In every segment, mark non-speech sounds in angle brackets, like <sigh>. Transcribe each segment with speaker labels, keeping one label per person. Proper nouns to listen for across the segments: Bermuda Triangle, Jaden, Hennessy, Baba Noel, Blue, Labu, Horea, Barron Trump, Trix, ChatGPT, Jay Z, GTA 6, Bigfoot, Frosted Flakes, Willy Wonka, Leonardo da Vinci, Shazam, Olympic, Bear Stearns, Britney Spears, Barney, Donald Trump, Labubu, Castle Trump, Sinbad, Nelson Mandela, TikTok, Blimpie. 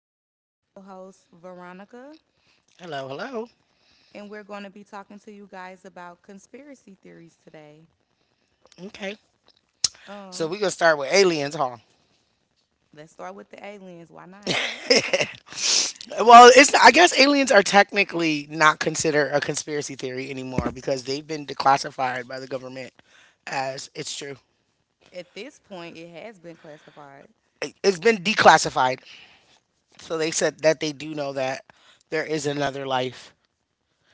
Speaker 1: I'm with my co host, Veronica,
Speaker 2: Hello, hello.
Speaker 1: and we're going to be talking to you guys about conspiracy theories today.
Speaker 2: Okay. So
Speaker 1: Um,
Speaker 2: we're gonna start with aliens, huh?
Speaker 1: let's start with the aliens. Why not?
Speaker 2: Well, it's I guess aliens are technically not considered a conspiracy theory anymore because they've been declassified by the government as it's true.
Speaker 1: At this point, it has been classified
Speaker 2: It's been declassified. So they said that they do know that there is another life.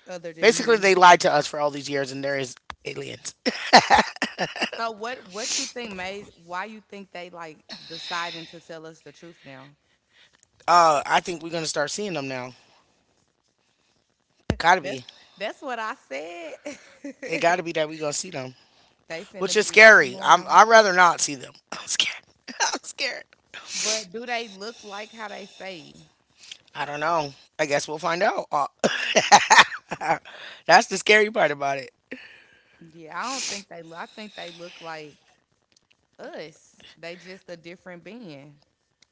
Speaker 1: other than
Speaker 2: Basically,
Speaker 1: human
Speaker 2: they
Speaker 1: species.
Speaker 2: lied to us for all these years and there is aliens. <laughs>
Speaker 1: So, what you think made why you think they like deciding to tell us the truth now?
Speaker 2: I think we're gonna start seeing them now. Gotta
Speaker 1: That's
Speaker 2: be.
Speaker 1: that's what I said.
Speaker 2: It
Speaker 1: <laughs>
Speaker 2: gotta be that we're gonna see them,
Speaker 1: They
Speaker 2: which
Speaker 1: finna
Speaker 2: is
Speaker 1: be walking
Speaker 2: scary. I'm.
Speaker 1: around.
Speaker 2: I'd rather not see them. <laughs> I'm scared. <laughs> I'm scared.
Speaker 1: But do they look like how they say?
Speaker 2: I don't know. I guess we'll find out. <laughs> That's the scary part about it.
Speaker 1: Yeah, I don't think they loo I think they look like us. They just a different being.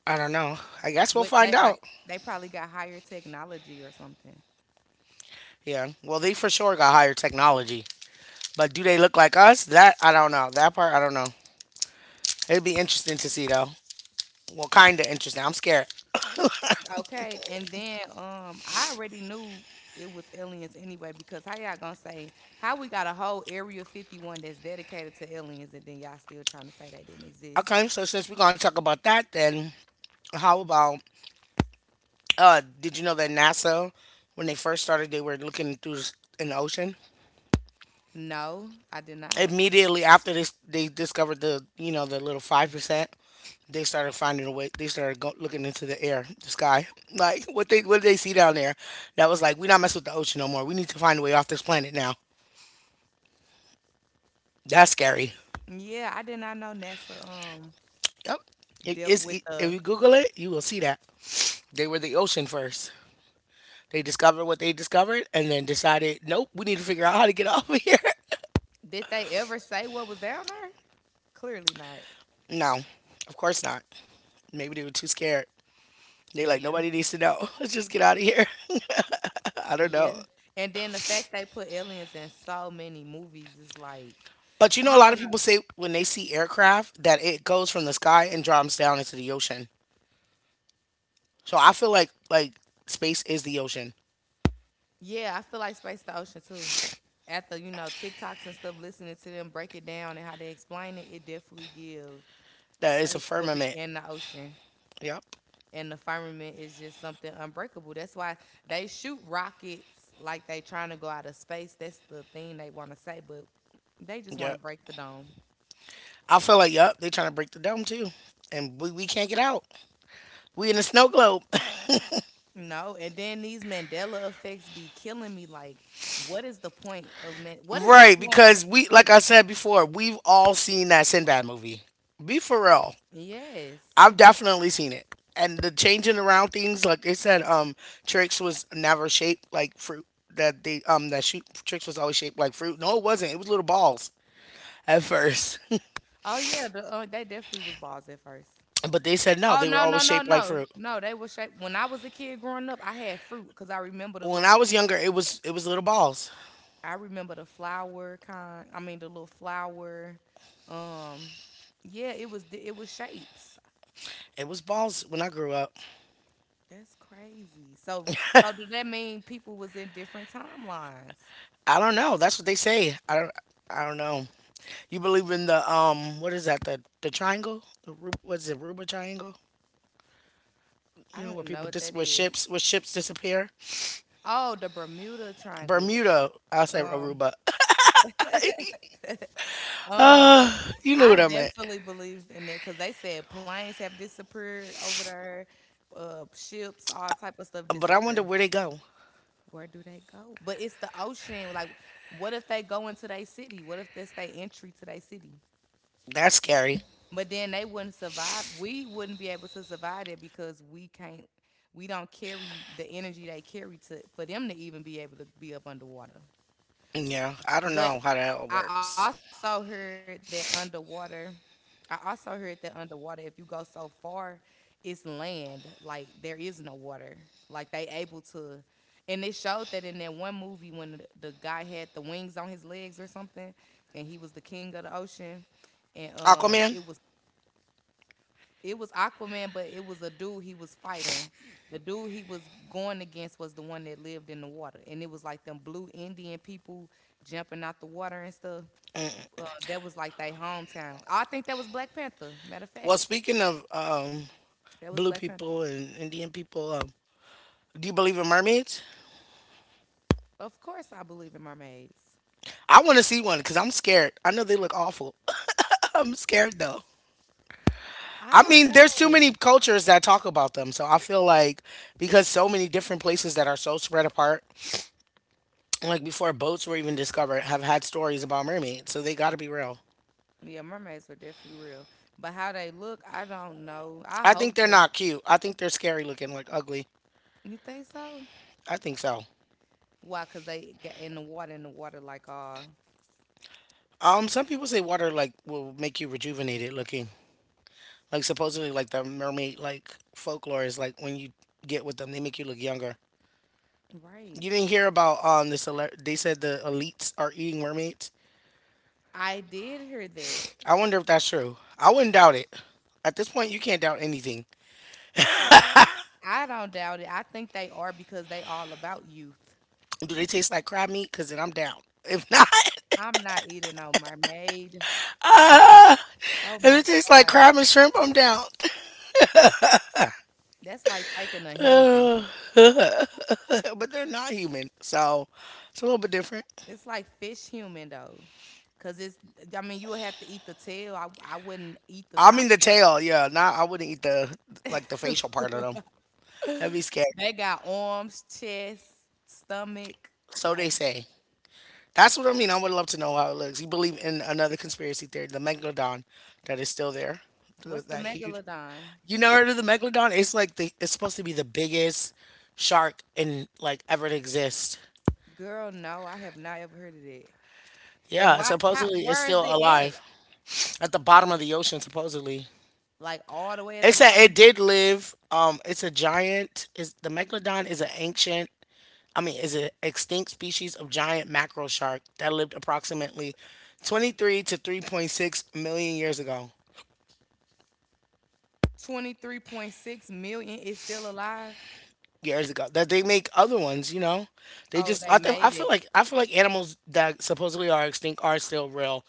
Speaker 2: I don't know. I guess we'll
Speaker 1: With
Speaker 2: find
Speaker 1: that,
Speaker 2: out.
Speaker 1: like, they probably got higher technology or something.
Speaker 2: Yeah. Well, they for sure got higher technology. But do they look like us? That, I don't know. That part, I don't know. It'd be interesting to see, though. Well, kind of interesting. I'm scared.
Speaker 1: Okay, and then, I already knew it was aliens anyway because how y'all gonna say how we got a whole Area 51 that's dedicated to aliens and then y'all still trying to say they didn't exist?
Speaker 2: Okay. So, since we're going to talk about that, then how about did you know that NASA, when they first started, they were looking through an ocean?
Speaker 1: No, I did not.
Speaker 2: Immediately after this, they discovered the, you know, the little 5%, they started finding a way. They started looking into the air, the sky. <laughs> Like what did they see down there? That was like we not mess with the ocean no more. We need to find a way off this planet now. That's scary.
Speaker 1: Yeah, I did not know NASA,
Speaker 2: Yep. It
Speaker 1: dealt
Speaker 2: is.
Speaker 1: with
Speaker 2: It, if
Speaker 1: the.
Speaker 2: you Google it, you will see that they were the ocean first. They discovered what they discovered, and then decided, nope, we need to figure out how to get <laughs> off of here. <laughs>
Speaker 1: Did they ever say what was down there? Clearly not.
Speaker 2: No, of course not. Maybe they were too scared. They like
Speaker 1: Yeah.
Speaker 2: nobody needs to know. <laughs> Let's just get out of here. <laughs> I don't know.
Speaker 1: Yeah. And then the fact they put aliens in so many movies is like,
Speaker 2: But you
Speaker 1: I
Speaker 2: know, a lot
Speaker 1: don't
Speaker 2: of
Speaker 1: know.
Speaker 2: people say when they see aircraft that it goes from the sky and drops down into the ocean. So I feel like space is the ocean.
Speaker 1: Yeah, I feel like Space the Ocean too. After, TikToks and stuff, listening to them break it down and how they explain it, it definitely give
Speaker 2: That it's a
Speaker 1: space will be
Speaker 2: firmament.
Speaker 1: in the ocean.
Speaker 2: Yep.
Speaker 1: And the firmament is just something unbreakable. That's why they shoot rockets like they trying to go out of space. That's the thing they want to say, but they just want to
Speaker 2: Yep.
Speaker 1: break the dome.
Speaker 2: I feel like yep, they trying to break the dome too. And we can't get out. We in a snow globe. <laughs>
Speaker 1: No, and then these Mandela effects be killing me. Like, what is the point of man? What is the
Speaker 2: Right,
Speaker 1: point of
Speaker 2: because we like I said before, we've all seen that Sinbad movie. Be for real.
Speaker 1: yes?
Speaker 2: I've definitely seen it. And the changing around things, like they said, Trix was never shaped like fruit. That they that shoot Trix was always shaped like fruit. No, it wasn't. It was little balls at first.
Speaker 1: Oh yeah, they definitely was balls at first.
Speaker 2: <laughs> But they said no,
Speaker 1: Oh
Speaker 2: they were
Speaker 1: no, no,
Speaker 2: always
Speaker 1: no,
Speaker 2: shaped like
Speaker 1: no,
Speaker 2: fruit.
Speaker 1: no. They were shaped. When I was a kid growing up, I had fruit because I remember the
Speaker 2: When
Speaker 1: little.
Speaker 2: I was younger, it was little balls.
Speaker 1: I remember the flower kind. I mean the little flower. Um, yeah, it was shapes.
Speaker 2: It was balls when I grew up.
Speaker 1: That's crazy. So does that mean people was in different timelines?
Speaker 2: I don't know. That's what they say. I don't know. You believe in the what is that? The triangle? What is it? Aruba triangle?
Speaker 1: I
Speaker 2: You know
Speaker 1: don't
Speaker 2: where
Speaker 1: even know
Speaker 2: people
Speaker 1: what
Speaker 2: dis
Speaker 1: that is.
Speaker 2: where ships disappear.
Speaker 1: Oh, the Bermuda Triangle.
Speaker 2: Bermuda. I say
Speaker 1: Um,
Speaker 2: Aruba.
Speaker 1: <laughs> um,
Speaker 2: Uh, you knew
Speaker 1: I
Speaker 2: what I meant.
Speaker 1: definitely believe in that because they said planes have disappeared over there, ships, all type of stuff
Speaker 2: But I wonder
Speaker 1: disappear.
Speaker 2: where they go.
Speaker 1: Where do they go? But it's the ocean. Like, what if they go into their city? What if that's their entry to their city?
Speaker 2: That's scary.
Speaker 1: But then they wouldn't survive. We wouldn't be able to survive it because we can't. We don't carry the energy they carry to for them to even be able to be up underwater.
Speaker 2: Yeah, I don't
Speaker 1: But
Speaker 2: know how that all
Speaker 1: I also
Speaker 2: works.
Speaker 1: heard that underwater, if you go so far, it's land. Like there is no water. Like they able to, and it showed that in that one movie when the guy had the wings on his legs or something, and he was the king of the ocean, and um,
Speaker 2: Aquaman?
Speaker 1: it was it was Aquaman, but it was a dude he was fighting. The dude he was going against was the one that lived in the water, and it was like them blue Indian people jumping out the water and stuff. That was like their hometown. I think that was Black Panther. Matter of fact,
Speaker 2: Well, speaking of
Speaker 1: that
Speaker 2: blue
Speaker 1: was Black
Speaker 2: people
Speaker 1: Panther.
Speaker 2: and Indian people, do you believe in mermaids?
Speaker 1: Of course, I believe in mermaids.
Speaker 2: I want to see one because I'm scared. I know they look awful. <laughs> I'm scared though.
Speaker 1: I
Speaker 2: I mean,
Speaker 1: don't
Speaker 2: there's too
Speaker 1: know.
Speaker 2: many cultures that talk about them. So I feel like because so many different places that are so spread apart, like before boats were even discovered, have had stories about mermaids. So they got to be real.
Speaker 1: Yeah, mermaids are definitely real, but how they look, I don't know. I
Speaker 2: I think
Speaker 1: hope
Speaker 2: they're
Speaker 1: they.
Speaker 2: not cute. I think they're scary looking, like ugly.
Speaker 1: You think so?
Speaker 2: I think so.
Speaker 1: Why? Cause they get in the water, like
Speaker 2: Some people say water like will make you rejuvenated looking. Like supposedly, like the mermaid like folklore is like when you get with them, they make you look younger.
Speaker 1: right.
Speaker 2: You didn't hear about this? They said the elites are eating mermaids.
Speaker 1: I did hear that.
Speaker 2: I wonder if that's true. I wouldn't doubt it. At this point, you can't doubt anything.
Speaker 1: I I don't doubt it. I think they are because they all about youth.
Speaker 2: Do they taste like crab meat? Cause then I'm down. If not,
Speaker 1: I'm not eating no mermaid. Oh
Speaker 2: <laughs> if
Speaker 1: my
Speaker 2: it tastes like
Speaker 1: god,
Speaker 2: crab and shrimp, I'm down.
Speaker 1: that's like taking a human.
Speaker 2: <laughs> But they're not human, so it's a little bit different.
Speaker 1: It's like fish human though, cause it's. I mean, you would have to eat the tail. I wouldn't eat the
Speaker 2: I
Speaker 1: top
Speaker 2: mean the
Speaker 1: part.
Speaker 2: tail. Yeah, nah, I wouldn't eat the like the facial part of them.
Speaker 1: <laughs>
Speaker 2: That'd be scary.
Speaker 1: They got arms, chest, stomach.
Speaker 2: So they
Speaker 1: Like,
Speaker 2: say. That's what I mean. I would love to know how it looks. You believe in another conspiracy theory, the megalodon that is still there,
Speaker 1: what's the
Speaker 2: that huge.
Speaker 1: megalodon?
Speaker 2: You never heard of the megalodon? It's like the it's supposed to be the biggest shark in like ever to exist.
Speaker 1: Girl, no, I have not ever heard of that. And
Speaker 2: Yeah,
Speaker 1: why? How?
Speaker 2: supposedly it's
Speaker 1: Where is
Speaker 2: still
Speaker 1: it at?
Speaker 2: alive at the bottom of the ocean. Supposedly,
Speaker 1: Like all the way at
Speaker 2: it
Speaker 1: the
Speaker 2: said it
Speaker 1: bottom.
Speaker 2: did live. It's a giant. Is the megalodon is an ancient I mean, is an extinct species of giant mackerel shark that lived approximately 23 to 3.6 million years ago.
Speaker 1: 23.6 million is still alive.
Speaker 2: Years ago, that they make other ones, you know, they
Speaker 1: Oh,
Speaker 2: just
Speaker 1: they
Speaker 2: I
Speaker 1: made
Speaker 2: feel
Speaker 1: it.
Speaker 2: like animals that supposedly are extinct are still real.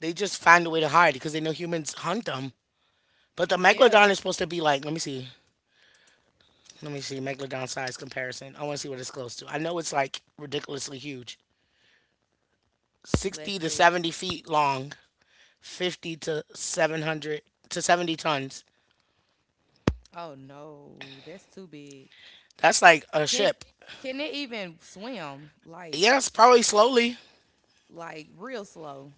Speaker 2: They just find a way to hide because they know humans hunt them. But the
Speaker 1: Yeah.
Speaker 2: megalodon is supposed to be like, let me see megalodon size comparison. I want to see what it's close to. I know it's like ridiculously huge,
Speaker 1: Let's
Speaker 2: 60 to
Speaker 1: see.
Speaker 2: 70 feet long, 50 to 700 to 70 tons,
Speaker 1: Oh no, that's too big.
Speaker 2: That's like a
Speaker 1: Can
Speaker 2: ship.
Speaker 1: can they even swim? Like
Speaker 2: Yes, probably slowly.
Speaker 1: real slow.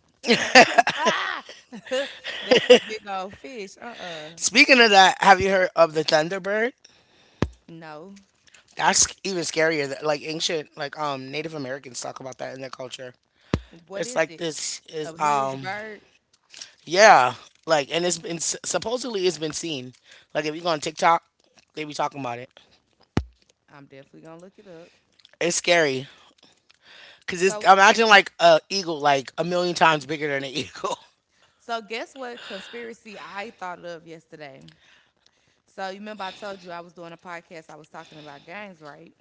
Speaker 1: Ah! <laughs> That's a big old fish. Uh-uh.
Speaker 2: Speaking of that, have you heard of the Thunderbird?
Speaker 1: No.
Speaker 2: That's even scarier. Like ancient, like Native Americans talk about that in their culture.
Speaker 1: What
Speaker 2: It's
Speaker 1: is
Speaker 2: like
Speaker 1: it?
Speaker 2: this is
Speaker 1: A huge bird?
Speaker 2: Yeah, like and it's been supposedly it's been seen. Like if you go on TikTok, they be talking about it.
Speaker 1: I'm definitely gonna look it up.
Speaker 2: It's scary because it's
Speaker 1: So
Speaker 2: imagine like a eagle like a million times bigger than an <laughs> eagle.
Speaker 1: guess what conspiracy I thought of yesterday? So you remember I told you I was doing a podcast, I was talking about games, right?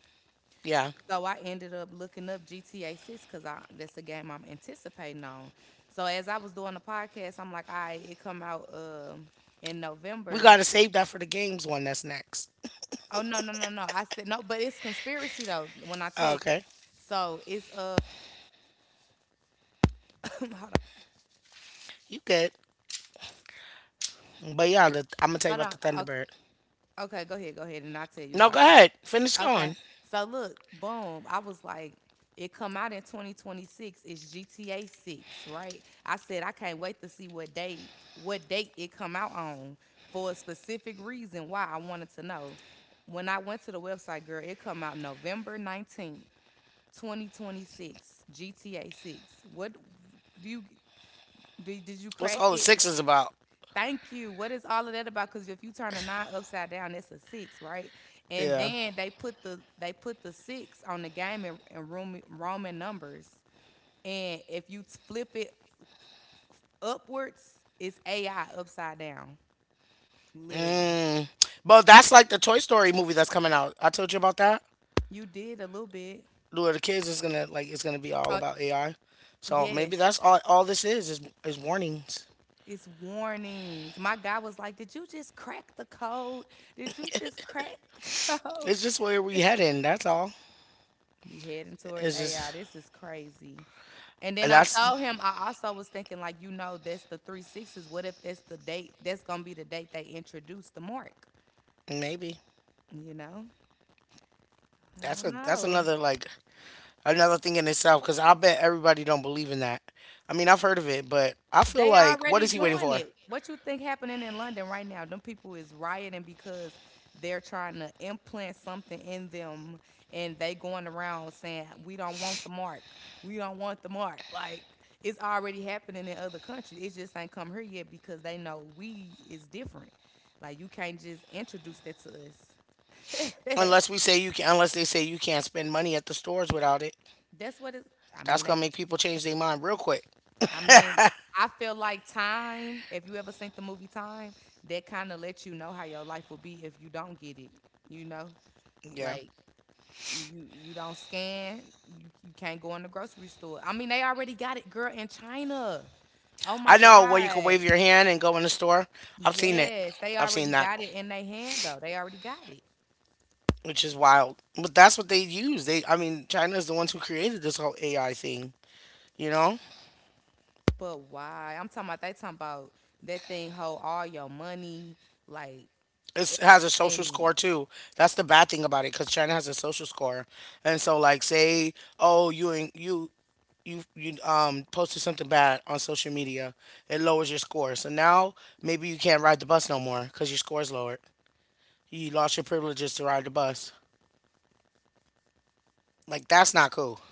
Speaker 2: Yeah,
Speaker 1: So I ended up looking up GTA 6 because I that's a game I'm anticipating on. So as I was doing the podcast, I'm like, all right, it come out in
Speaker 2: we
Speaker 1: November.
Speaker 2: gotta save that for the games one that's next.
Speaker 1: Oh no, no, no, no. I said no, but it's conspiracy though, when I tell you.
Speaker 2: Okay,
Speaker 1: So it's <laughs> <coughs> hold on.
Speaker 2: you good? But yeah, I'm gonna tell you
Speaker 1: Hold
Speaker 2: about the
Speaker 1: on.
Speaker 2: Thunderbird.
Speaker 1: Okay, okay, go ahead, and I'll tell you
Speaker 2: No,
Speaker 1: about
Speaker 2: go
Speaker 1: this.
Speaker 2: ahead. Finish
Speaker 1: Okay.
Speaker 2: going.
Speaker 1: So look, boom. I was like, it come out in 2026. It's GTA 6, right? I said I can't wait to see what date it come out on for a specific reason why I wanted to know. When I went to the website, girl, it come out November 19th, 2026, GTA 6. What do you do, did you
Speaker 2: What's
Speaker 1: crack
Speaker 2: all the
Speaker 1: it?
Speaker 2: sixes about?
Speaker 1: Thank you. What is all of that about? Because if you turn a nine upside down, that's a six, right? And
Speaker 2: Yeah.
Speaker 1: then they put the six on the game in, Roman, numbers, and if you flip it upwards, it's AI upside down. Literally,
Speaker 2: Mm. But that's like the Toy Story movie that's coming out. I told you about that.
Speaker 1: you did a little bit.
Speaker 2: Where the kids is gonna like it's gonna be all
Speaker 1: Uh,
Speaker 2: about AI. So maybe
Speaker 1: yes,
Speaker 2: that's all this is warnings.
Speaker 1: it's warnings. My guy was like, "Did you just crack the code? Did you just crack the <laughs> code?"
Speaker 2: It's just where we heading, that's all.
Speaker 1: We heading towards
Speaker 2: It's
Speaker 1: AI.
Speaker 2: just
Speaker 1: This is crazy. And then I
Speaker 2: that's
Speaker 1: told him I also was thinking, like, that's the three sixes. What if that's the date? That's gonna be the date they introduce the mark.
Speaker 2: Maybe.
Speaker 1: You know? I
Speaker 2: That's
Speaker 1: don't
Speaker 2: a that's
Speaker 1: know.
Speaker 2: another like another thing in itself because I bet everybody don't believe in that. I mean, I've heard of it, but I feel
Speaker 1: They
Speaker 2: like what
Speaker 1: already
Speaker 2: is he waiting
Speaker 1: doing
Speaker 2: for?
Speaker 1: it. What you think happening in London right now? Them people is rioting because they're trying to implant something in them and they going around saying, "We don't want the mark. We don't want the mark." Like it's already happening in other countries. It just ain't come here yet because they know we is different. Like you can't just introduce that to us. <laughs>
Speaker 2: Unless we say you can, unless they say you can't spend money at the stores without it.
Speaker 1: That's what it. I
Speaker 2: That's
Speaker 1: mean, they,
Speaker 2: gonna make people change their mind real quick.
Speaker 1: I mean, I feel like Time, if you ever seen the movie Time, that kind of lets you know how your life will be if you don't get it, you know?
Speaker 2: Yeah,
Speaker 1: Like you don't scan, you can't go in the grocery store. I mean, they already got it, girl, in China. Oh my
Speaker 2: I know where you can wave
Speaker 1: God.
Speaker 2: your hand and go in the store. I've seen it.
Speaker 1: Yes, they
Speaker 2: I've seen
Speaker 1: already
Speaker 2: that,
Speaker 1: got it in their hand though. They already got it.
Speaker 2: which is wild. But that's what they use. They, I mean, China is the ones who created this whole AI thing. You know,
Speaker 1: But why? I'm talking about they talking about that thing hold all your money, like
Speaker 2: it's, it has a social
Speaker 1: everything.
Speaker 2: score too. That's the bad thing about it, because China has a social score, and so like, say, oh, you in- you you you posted something bad on social media, it lowers your score. So now maybe you can't ride the bus no more because your score's lowered. You lost your privileges to ride the bus. Like that's not cool.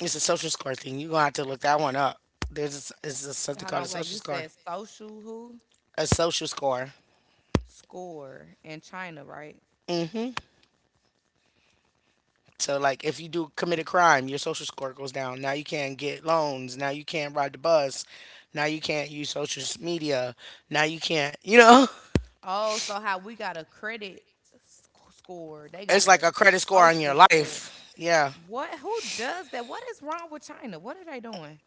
Speaker 2: It's a social score thing. You're gonna have to look that one up. There's is something
Speaker 1: Hold
Speaker 2: called
Speaker 1: on,
Speaker 2: a
Speaker 1: wait, you
Speaker 2: social score.
Speaker 1: said social who?
Speaker 2: A social score.
Speaker 1: Score in China, right?
Speaker 2: Hmm. So like if you do commit a crime, your social score goes down. Now you can't get loans. Now you can't ride the bus. Now you can't use social media. Now you can't. You know,
Speaker 1: Oh, so how we got a credit score, they
Speaker 2: <laughs>
Speaker 1: got
Speaker 2: it's like
Speaker 1: a
Speaker 2: a credit score on your
Speaker 1: social score.
Speaker 2: life. Yeah,
Speaker 1: What? Who does that? What is wrong with China? What are they doing?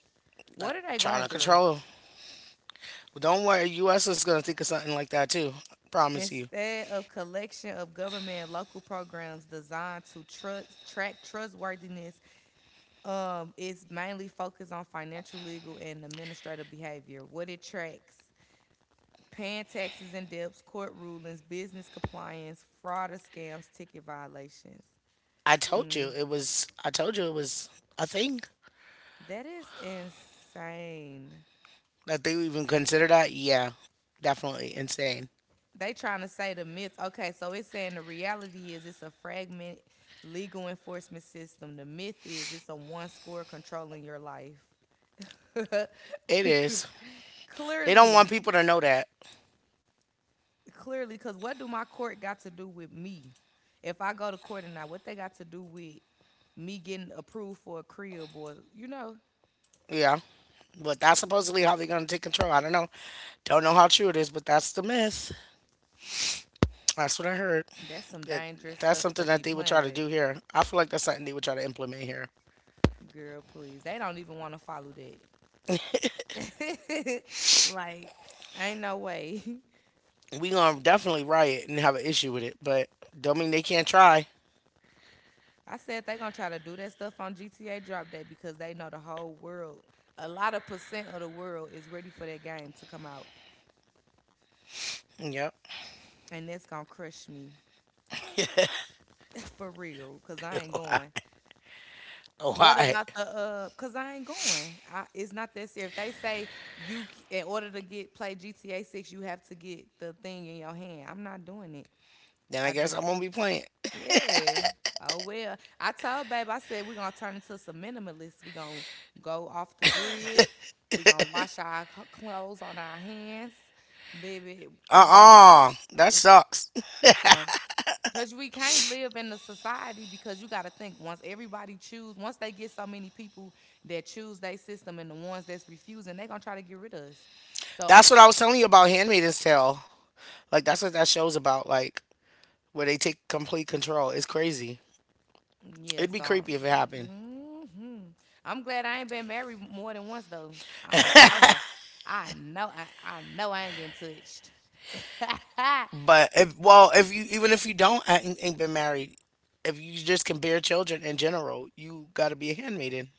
Speaker 1: What
Speaker 2: that,
Speaker 1: are they
Speaker 2: trying
Speaker 1: going
Speaker 2: to
Speaker 1: through?
Speaker 2: control. Don't worry, U.S. is gonna think of something like that too. I promise you.
Speaker 1: Instead of collection of government and local programs designed to trust, track trustworthiness, it's mainly focused on financial, legal, and administrative behavior. What it tracks, paying taxes and debts, court rulings, business compliance, fraud or scams, ticket violations.
Speaker 2: I told you
Speaker 1: Mm,
Speaker 2: it was. I told you it was a thing.
Speaker 1: that is insane.
Speaker 2: That they even consider that? Yeah, definitely insane.
Speaker 1: They trying to say the myth. Okay, so it's saying the reality is it's a fragment legal enforcement system. The myth is it's a one score controlling your life.
Speaker 2: It is.
Speaker 1: <laughs>
Speaker 2: They don't want
Speaker 1: Clearly,
Speaker 2: people to know that.
Speaker 1: clearly, because what do my court got to do with me if I go to court, and not what they got to do with me getting approved for a crib, or you know,
Speaker 2: Yeah, but that's supposedly how they're gonna take control. I don't know. Don't know how true it is, but that's the myth. That's what I heard.
Speaker 1: that's some
Speaker 2: That
Speaker 1: dangerous
Speaker 2: that's
Speaker 1: stuff to
Speaker 2: something
Speaker 1: be
Speaker 2: that they would
Speaker 1: playing
Speaker 2: try to
Speaker 1: with.
Speaker 2: do here. I feel like that's something they would try to implement here.
Speaker 1: Girl please, they don't even want to follow that. <laughs> Like, ain't no way.
Speaker 2: We gonna definitely riot and have an issue with it, but don't mean they can't try.
Speaker 1: <laughs> I said they gonna try to do that stuff on GTA drop day because they know the whole world, a lot of percent of the world is ready for that game to come out,
Speaker 2: Yep.
Speaker 1: and that's gonna crush me <laughs> for real because I ain't going.
Speaker 2: Oh, <laughs>
Speaker 1: What
Speaker 2: hi.
Speaker 1: about the? Cause I ain't going. I It's not that serious. If they say in order to get play GTA 6, you have to get the thing in your hand. I'm not doing it.
Speaker 2: Then I
Speaker 1: I
Speaker 2: guess
Speaker 1: just
Speaker 2: I'm gonna be playing.
Speaker 1: yeah. Oh well. I told babe I said we're going to turn into some minimalists. We're going to go off the grid. We're going to wash our clothes on our hands. Baby, it's going
Speaker 2: Uh-uh. That
Speaker 1: to it's
Speaker 2: sucks. <laughs>
Speaker 1: it's going to because we can't live in the society because you got to think once everybody choose, once they get so many people that choose their system and the ones that's refusing, they going to try to get rid of us. So,
Speaker 2: That's what I was telling you about Handmaid's Tale. Like that's what that show's about. Like where they take complete control. It's crazy.
Speaker 1: yeah,
Speaker 2: It'd be
Speaker 1: so
Speaker 2: creepy if it happened.
Speaker 1: hmm I'm glad I ain't been married more than once, though. I'm so happy. I know, I know I ain't getting touched. <laughs>
Speaker 2: But if well, if you even if you don't ain't been married, if you just can bear children in general, you gotta be a handmaiden.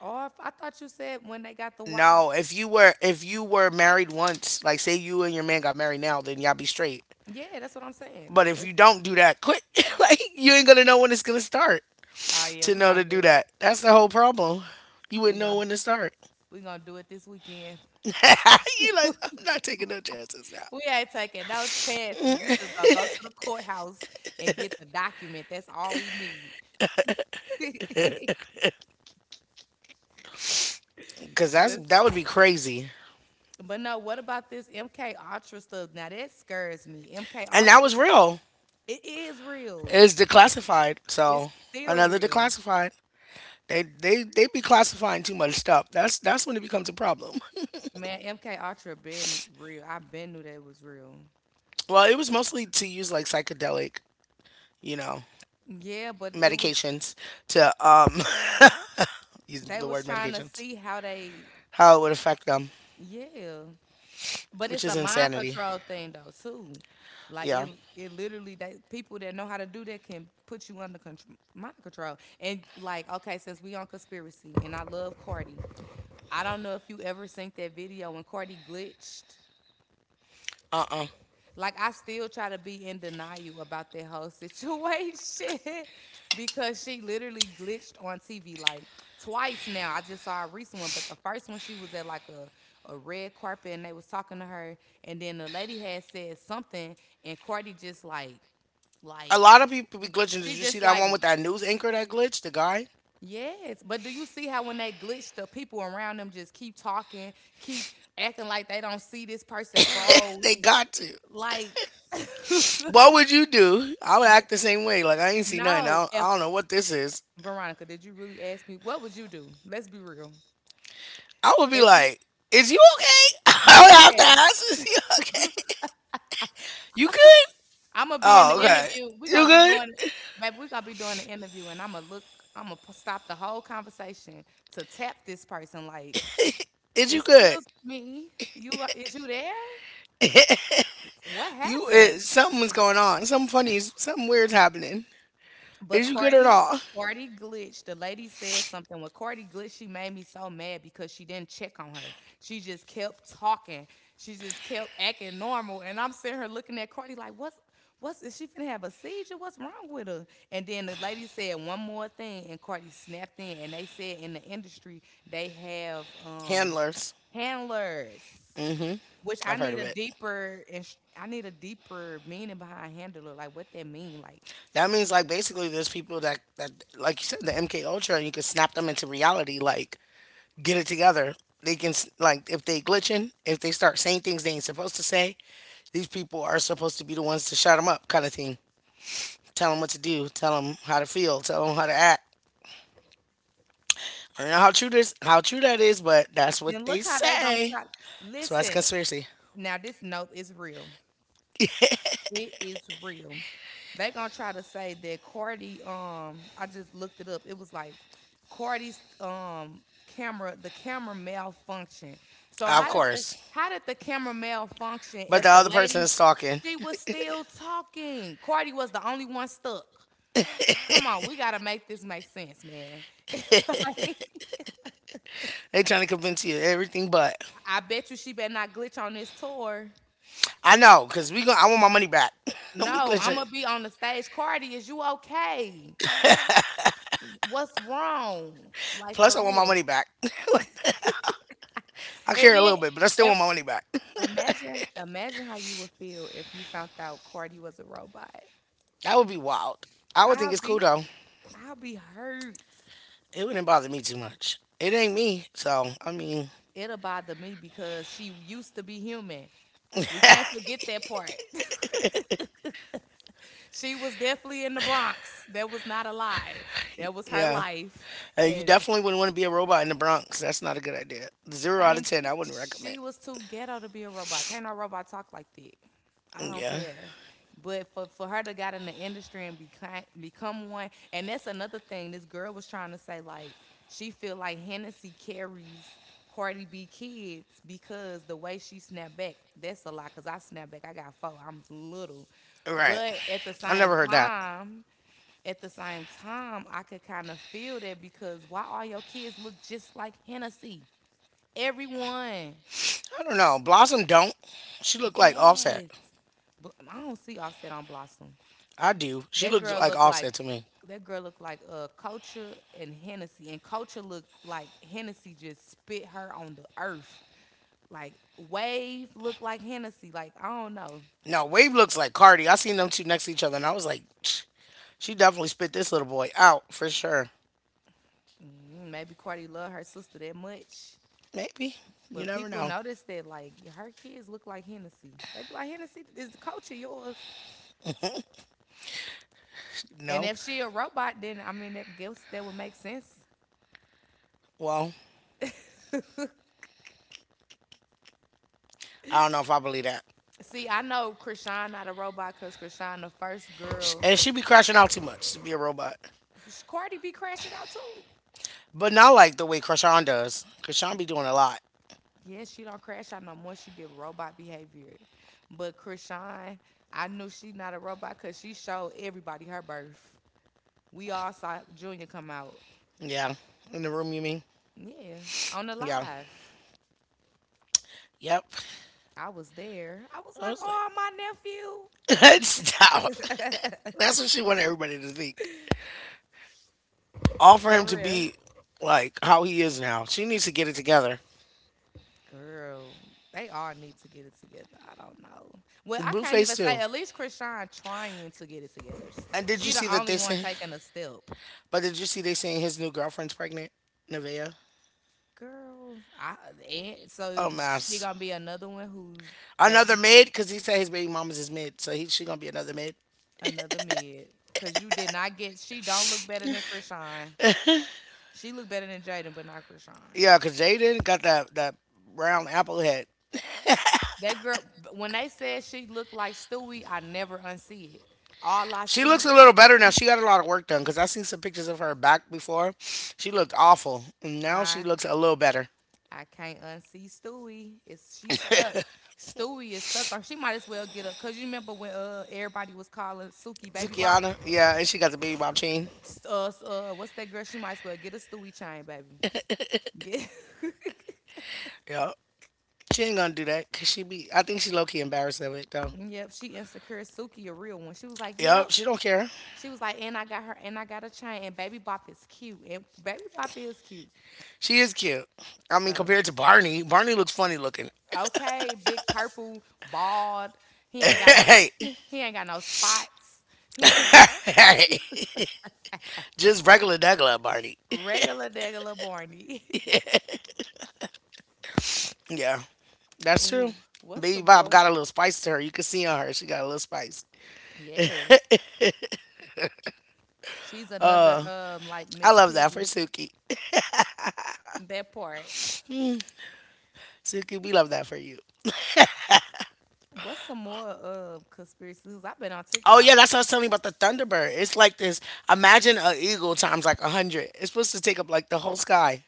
Speaker 1: Or if, I thought you said when they got the wives.
Speaker 2: No, if you were married once, like say you and your man got married now, then y'all be straight.
Speaker 1: Yeah, that's what I'm saying.
Speaker 2: But if
Speaker 1: That's-
Speaker 2: you don't do that, quit. <laughs> Like you ain't gonna know when it's gonna start
Speaker 1: Oh, yeah,
Speaker 2: to
Speaker 1: we
Speaker 2: know
Speaker 1: going
Speaker 2: to
Speaker 1: to
Speaker 2: do
Speaker 1: do it.
Speaker 2: that. That's the whole problem. You
Speaker 1: we
Speaker 2: wouldn't know
Speaker 1: gonna,
Speaker 2: when to start.
Speaker 1: we going to do it this weekend.
Speaker 2: <laughs> You
Speaker 1: <laughs>
Speaker 2: like I'm not taking no chances now
Speaker 1: We ain't taking no chances. We just gonna go to the courthouse and get the document. That's all we need. <laughs>
Speaker 2: because that's
Speaker 1: Yes.
Speaker 2: that would be crazy.
Speaker 1: But no, what about this MK Ultra stuff? Now that scares me. MK
Speaker 2: And that
Speaker 1: Ultra,
Speaker 2: was real.
Speaker 1: it is real.
Speaker 2: It's declassified,
Speaker 1: It's
Speaker 2: so
Speaker 1: still
Speaker 2: another
Speaker 1: real.
Speaker 2: declassified. They be classifying too much stuff. That's when it becomes a problem. <laughs>
Speaker 1: Man, MK Ultra been real. I been knew that was real.
Speaker 2: Well, it was mostly to use like psychedelic, you know,
Speaker 1: Yeah, but it was
Speaker 2: medications to <laughs> use
Speaker 1: they
Speaker 2: the
Speaker 1: was
Speaker 2: word
Speaker 1: trying to
Speaker 2: medications.
Speaker 1: see how they
Speaker 2: How it would affect them,
Speaker 1: yeah. But
Speaker 2: which
Speaker 1: it's
Speaker 2: is
Speaker 1: a mind
Speaker 2: insanity.
Speaker 1: control thing though too. Like
Speaker 2: Yeah.
Speaker 1: it literally that people that know how to do that can put you under control, mind control. And like, okay, since we on conspiracy, and I love Cardi, I don't know if you ever seen that video when Cardi glitched,
Speaker 2: Uh.
Speaker 1: like I still try to be in denial about that whole situation. <laughs> Because she literally glitched on TV like twice now. I just saw a recent one, but the first one she was at like a red carpet and they was talking to her and then the lady had said something and Courtney just like
Speaker 2: A
Speaker 1: like
Speaker 2: lot of people be glitching. Did
Speaker 1: she
Speaker 2: you see
Speaker 1: just
Speaker 2: that
Speaker 1: like,
Speaker 2: one with that news anchor that glitched? The guy.
Speaker 1: yes, but do you see how when they glitch, the people around them just keep talking, keep acting like they don't see this person
Speaker 2: <laughs>
Speaker 1: froze?
Speaker 2: They got to.
Speaker 1: Like, <laughs>
Speaker 2: What would you do? I would
Speaker 1: ye-
Speaker 2: act the same way. Like I ain't see nothing.
Speaker 1: no, at
Speaker 2: I don't know what this is.
Speaker 1: Veronica, did you really ask me what would you do? Let's be real.
Speaker 2: I would be
Speaker 1: If you
Speaker 2: like, "Is you okay?" <laughs> I would have to
Speaker 1: yes,
Speaker 2: ask, "Is you okay? You good?
Speaker 1: <laughs> I'm gonna be in the
Speaker 2: Oh, okay.
Speaker 1: interview. We're
Speaker 2: You
Speaker 1: gonna be doing
Speaker 2: good?
Speaker 1: baby, we're gonna be doing the interview and I'm gonna look I'm gonna stop the whole conversation to tap this person like,
Speaker 2: Is you good?
Speaker 1: "Excuse me, you are- is you there? What
Speaker 2: You
Speaker 1: happened?"
Speaker 2: it, something's going on. Something funny. Something weird's happening.
Speaker 1: But
Speaker 2: Is you good or
Speaker 1: Cardi,
Speaker 2: not?"
Speaker 1: Cardi glitched. The lady said something. When Cardi glitched, she made me so mad because she didn't check on her. She just kept talking. She just kept acting normal. And I'm sitting here looking at Cardi like, what's is she finna have a seizure? What's wrong with her? And then the lady said one more thing and Cardi snapped in and they said in the industry they have
Speaker 2: Handlers.
Speaker 1: handlers,
Speaker 2: Hmm.
Speaker 1: which I
Speaker 2: I've heard
Speaker 1: need
Speaker 2: of
Speaker 1: a
Speaker 2: it.
Speaker 1: deeper and I need a deeper meaning behind handler, like what that mean like.
Speaker 2: That means like basically there's people that like you said the MK Ultra you can snap them into reality like get it together. They can like if they glitching, if they start saying things they ain't supposed to say, these people are supposed to be the ones to shut them up kind of thing. Tell them what to do. Tell them how to feel. Tell them how to act. I don't know how true this, how true that is, but that's what
Speaker 1: And
Speaker 2: they
Speaker 1: look how they gonna
Speaker 2: say.
Speaker 1: try.
Speaker 2: That's why it's
Speaker 1: Listen,
Speaker 2: conspiracy,
Speaker 1: now this note is real. It is real. They gonna try to say that Cardi. I just looked it up. It was like Cardi's camera. The camera malfunction. So
Speaker 2: of course.
Speaker 1: how did the camera malfunction
Speaker 2: But the
Speaker 1: if the
Speaker 2: other
Speaker 1: lady,
Speaker 2: person's talking.
Speaker 1: she was still talking? Cardi was the only one stuck. Come on, we gotta make this make sense, man. <laughs> Like,
Speaker 2: They trying to convince you everything, but
Speaker 1: I bet you she better not glitch on this tour.
Speaker 2: I know, cause we going I want my money back. <laughs> Don't be
Speaker 1: No,
Speaker 2: glitching.
Speaker 1: Imma be on the stage, "Cardi, is you okay? What's wrong?" Like,
Speaker 2: Plus,
Speaker 1: for
Speaker 2: I want my
Speaker 1: real.
Speaker 2: money back. <laughs> I
Speaker 1: And
Speaker 2: care a
Speaker 1: then
Speaker 2: little bit, but I still
Speaker 1: if
Speaker 2: want my money back. <laughs>
Speaker 1: imagine how you would feel if you found out Cardi was a robot.
Speaker 2: That would be wild. I would think
Speaker 1: I'll
Speaker 2: it's cool
Speaker 1: be
Speaker 2: though.
Speaker 1: I'll be hurt.
Speaker 2: It wouldn't bother me too much. It ain't me, so I mean,
Speaker 1: It'll bother me because she used to be human. We can't
Speaker 2: <laughs>
Speaker 1: forget that part. <laughs> She was definitely in the Bronx. That was not a lie. That was her
Speaker 2: yeah.
Speaker 1: life,
Speaker 2: You
Speaker 1: and
Speaker 2: definitely wouldn't want to be a robot in the Bronx. That's not a good idea. Zero out of
Speaker 1: thank
Speaker 2: ten. I wouldn't recommend.
Speaker 1: she was too ghetto to be a robot. Can't no robot talk like that. I don't
Speaker 2: Yeah.
Speaker 1: care. But for her to got in the industry and become one, and that's another thing. This girl was trying to say like she feel like Hennessy carries Cardi B kids because the way she snapped back. That's a lot because I snapped back. I got four. I'm little,
Speaker 2: Right.
Speaker 1: but at the
Speaker 2: I
Speaker 1: same
Speaker 2: never heard that.
Speaker 1: time, at the same time, I could kind of feel that because why all your kids look just like Hennessy? Everyone.
Speaker 2: I don't know. Blossom don't. She looked like Offset.
Speaker 1: Yes. But I don't see Offset on Blossom.
Speaker 2: I do. She
Speaker 1: That
Speaker 2: looked
Speaker 1: girl
Speaker 2: like
Speaker 1: looked like
Speaker 2: Offset to me.
Speaker 1: that girl looked like Culture and Hennessy, and Culture looked like Hennessy just spit her on the earth. Like Wave looked like Hennessy. Like I don't know.
Speaker 2: No, Wave looks like Cardi. I seen them two next to each other, and I was like, "Tch, she definitely spit this little boy out for sure.
Speaker 1: Mm, maybe Cardi loved her sister that much.
Speaker 2: Maybe. You
Speaker 1: But
Speaker 2: never
Speaker 1: people
Speaker 2: know.
Speaker 1: notice that like her kids look like Hennessy. They be like Hennessy is the culture yours. And
Speaker 2: No.
Speaker 1: if she a robot, then I mean that guess that would make sense.
Speaker 2: Well,
Speaker 1: <laughs>
Speaker 2: I don't know if I believe that.
Speaker 1: See, I know Krishan not a robot because Krishan the first
Speaker 2: Sh-
Speaker 1: girl.
Speaker 2: And she be crashing out too much to be a robot.
Speaker 1: Cardi be crashing out too.
Speaker 2: But not like the way Krishan does. Krishan be doing a lot.
Speaker 1: Yeah, she don't crash out no more. She give robot behavior. But Krishan, I knew she not a robot because she showed everybody her birth. We all saw Junior come out.
Speaker 2: Yeah. In the room, you mean?
Speaker 1: Yeah, on the
Speaker 2: Yeah.
Speaker 1: live.
Speaker 2: Yep.
Speaker 1: I was there. I was
Speaker 2: I
Speaker 1: like,
Speaker 2: was
Speaker 1: oh,
Speaker 2: like, <laughs>
Speaker 1: my
Speaker 2: stop.
Speaker 1: nephew.
Speaker 2: That's what she wanted everybody to think. All
Speaker 1: <laughs>
Speaker 2: for him
Speaker 1: For
Speaker 2: to
Speaker 1: real.
Speaker 2: be like how he is now. She needs to get it together.
Speaker 1: Girl, they all need to get it together. I don't know. Well, I can't
Speaker 2: Blueface
Speaker 1: even
Speaker 2: too.
Speaker 1: say at least Krishan trying to get it together. S-
Speaker 2: And did you
Speaker 1: She
Speaker 2: see
Speaker 1: the
Speaker 2: that
Speaker 1: only
Speaker 2: they
Speaker 1: one
Speaker 2: say?
Speaker 1: taking a step.
Speaker 2: But did you see they saying his new girlfriend's pregnant? Nevaeh.
Speaker 1: Girl, I and so
Speaker 2: Oh
Speaker 1: she
Speaker 2: mass.
Speaker 1: gonna be another one who's
Speaker 2: Another
Speaker 1: baby's
Speaker 2: mid because he said his baby mama's his mid, so he she gonna be another mid.
Speaker 1: another mid. Cause you did not get she don't look better than Krishan. She look better than Jaden, but not Krishan.
Speaker 2: Yeah, because Jaden got that round apple head.
Speaker 1: That girl b- when they said she looked like Stewie, I never unsee it. All I
Speaker 2: She
Speaker 1: see,
Speaker 2: looks a little better now. She got a lot of work done because I seen some pictures of her back before. She looked awful. And now she
Speaker 1: I
Speaker 2: looks a little better.
Speaker 1: I can't unsee Stewie. It's she's stuck. Stewie is stuck, or she might as well get up. Cause you remember when everybody was calling Suki Baby Bot.
Speaker 2: Zukiana, yeah, and she got the baby mom chain.
Speaker 1: What's that girl? She might as well get a Stewie chain, baby. Get.
Speaker 2: Yep. She ain't gonna do that because I think she low key embarrassed of it though.
Speaker 1: <laughs> Yep, she insecure. Suki a real one. She was like, yep.
Speaker 2: Yep, she don't care.
Speaker 1: She was like, and I got her, and I got a chain, and Baby Bop is cute, and Baby Bop is cute.
Speaker 2: She is cute. I mean,
Speaker 1: So
Speaker 2: compared to Barney, Barney looks funny looking.
Speaker 1: okay, big purple, bald. He ain't got no.
Speaker 2: <laughs> hey,
Speaker 1: He ain't got no spots. He <laughs>
Speaker 2: <laughs> hey, just regular Douglas Barney.
Speaker 1: regular Degular Barney. <laughs>
Speaker 2: Yeah, that's true.
Speaker 1: Oh, what's the
Speaker 2: Baby Bob
Speaker 1: boy?
Speaker 2: got a little spice to her. You can see on her, she got a little spice.
Speaker 1: Yes. She's another like
Speaker 2: I
Speaker 1: Miss
Speaker 2: love that for
Speaker 1: Piggy.
Speaker 2: Suki.
Speaker 1: That part.
Speaker 2: Suki, we love that for you.
Speaker 1: What's some more conspiracies? I've been on
Speaker 2: Oh
Speaker 1: TikTok.
Speaker 2: yeah, that's what I was telling you about the Thunderbird. It's like this. Imagine an eagle times like a hundred. It's supposed to take up like the whole sky.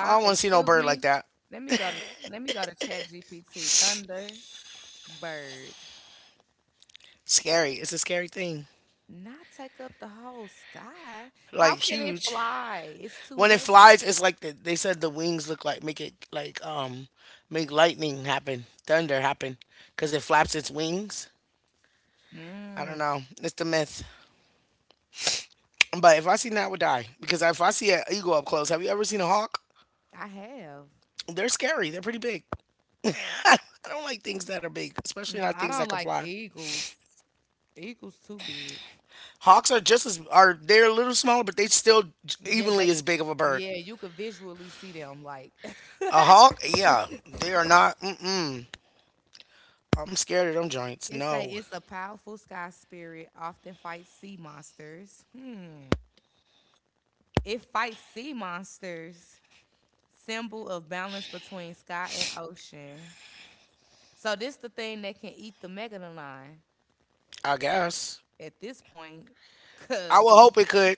Speaker 2: I don't want to see no
Speaker 1: Excuse
Speaker 2: bird like
Speaker 1: me.
Speaker 2: that.
Speaker 1: Let me go to Let me go to Chat GPT. Thunderbird.
Speaker 2: Scary. It's a scary thing.
Speaker 1: Not take up the whole sky.
Speaker 2: Like
Speaker 1: How can it
Speaker 2: huge.
Speaker 1: fly? It's too
Speaker 2: When it
Speaker 1: heavy.
Speaker 2: flies, it's like they said the wings look like make it like make lightning happen, thunder happen, because it flaps its wings. I don't
Speaker 1: Mm,
Speaker 2: know. It's the myth. But if I see that, I would die because if I see an eagle up close, have you ever seen a hawk?
Speaker 1: I have.
Speaker 2: They're scary. They're pretty big. I don't like things that are big, especially
Speaker 1: No,
Speaker 2: not
Speaker 1: I
Speaker 2: things that
Speaker 1: don't
Speaker 2: can
Speaker 1: like
Speaker 2: fly.
Speaker 1: eagles. Eagles too big.
Speaker 2: Hawks are just as are they're a little smaller, but they still
Speaker 1: Yeah,
Speaker 2: evenly
Speaker 1: they
Speaker 2: as big of a bird.
Speaker 1: yeah, you could visually see them like.
Speaker 2: A
Speaker 1: <laughs>
Speaker 2: hawk, yeah, they are not. Mm-mm. I'm scared of them joints.
Speaker 1: It say
Speaker 2: No,
Speaker 1: it's a powerful sky spirit, often fights sea monsters. Hmm. It fights sea monsters, symbol of balance between sky and ocean. So this the thing that can eat the megalodon
Speaker 2: I guess.
Speaker 1: at this point,
Speaker 2: I would
Speaker 1: cause
Speaker 2: hope it could.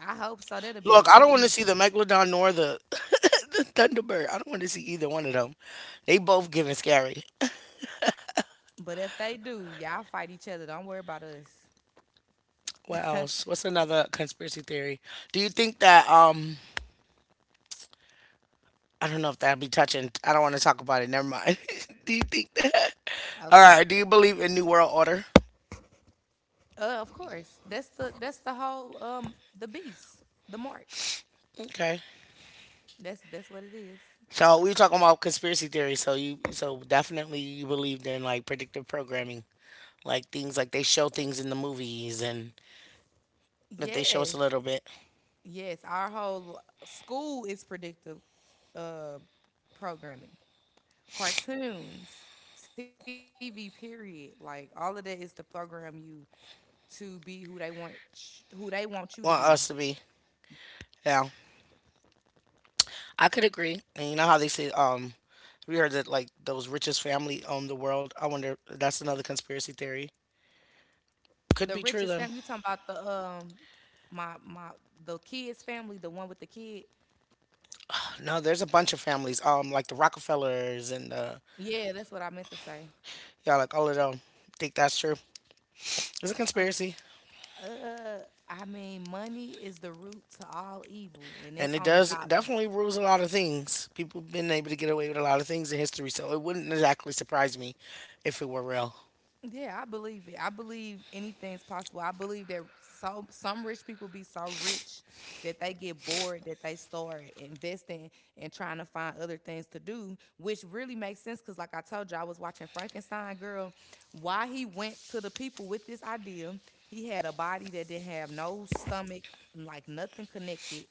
Speaker 1: I hope so. That'll be a
Speaker 2: Look, I
Speaker 1: good
Speaker 2: don't want to
Speaker 1: meet.
Speaker 2: see the megalodon nor the <laughs> the thunderbird. I don't want to see either one of them. They both giving scary.
Speaker 1: But if they do, y'all fight each other. Don't worry about us.
Speaker 2: What
Speaker 1: <laughs>
Speaker 2: else? What's another conspiracy theory? Do you think that I don't know if that'd be touching. I don't want to talk about it. Never mind. <laughs> Do you think that? All
Speaker 1: Okay.
Speaker 2: right. Do you believe in New World Order?
Speaker 1: Of course. That's the whole the beast, the mark.
Speaker 2: Okay.
Speaker 1: That's what it is.
Speaker 2: So we talking about conspiracy theories. So you so definitely you believed in like predictive programming like things like they show things in the movies and that they show us a
Speaker 1: Yes.
Speaker 2: little bit.
Speaker 1: Yes, our whole school is predictive uh programming. Cartoons, TV period, like all of that is to program you to be who they want sh- who they want you to be.
Speaker 2: Want us to be yeah. I could agree. And you know how they say we heard that like those richest family own the world. I wonder that's another conspiracy theory. Could
Speaker 1: The
Speaker 2: be true
Speaker 1: richest
Speaker 2: though.
Speaker 1: family, you talking about the my the kid's family, the one with the kid?
Speaker 2: No, there's a bunch of families like the Rockefellers and
Speaker 1: Yeah, that's what I meant to say.
Speaker 2: yeah like all of them. Think that's true. It's a
Speaker 1: Of
Speaker 2: conspiracy
Speaker 1: uh, I mean, money is the root to all evil, and that's
Speaker 2: and it
Speaker 1: on the
Speaker 2: does
Speaker 1: dollar.
Speaker 2: it definitely rules a lot of things. People been able to get away with a lot of things in history, so it wouldn't exactly surprise me if it were real.
Speaker 1: Yeah, I believe it. I believe anything's possible. I believe that so some rich people be so rich that they get bored that they start investing and trying to find other things to do, which really makes sense because like I told you, I was watching Frankenstein Girl. Why he went to the people with this idea, he had a body that didn't have no stomach, like nothing connected,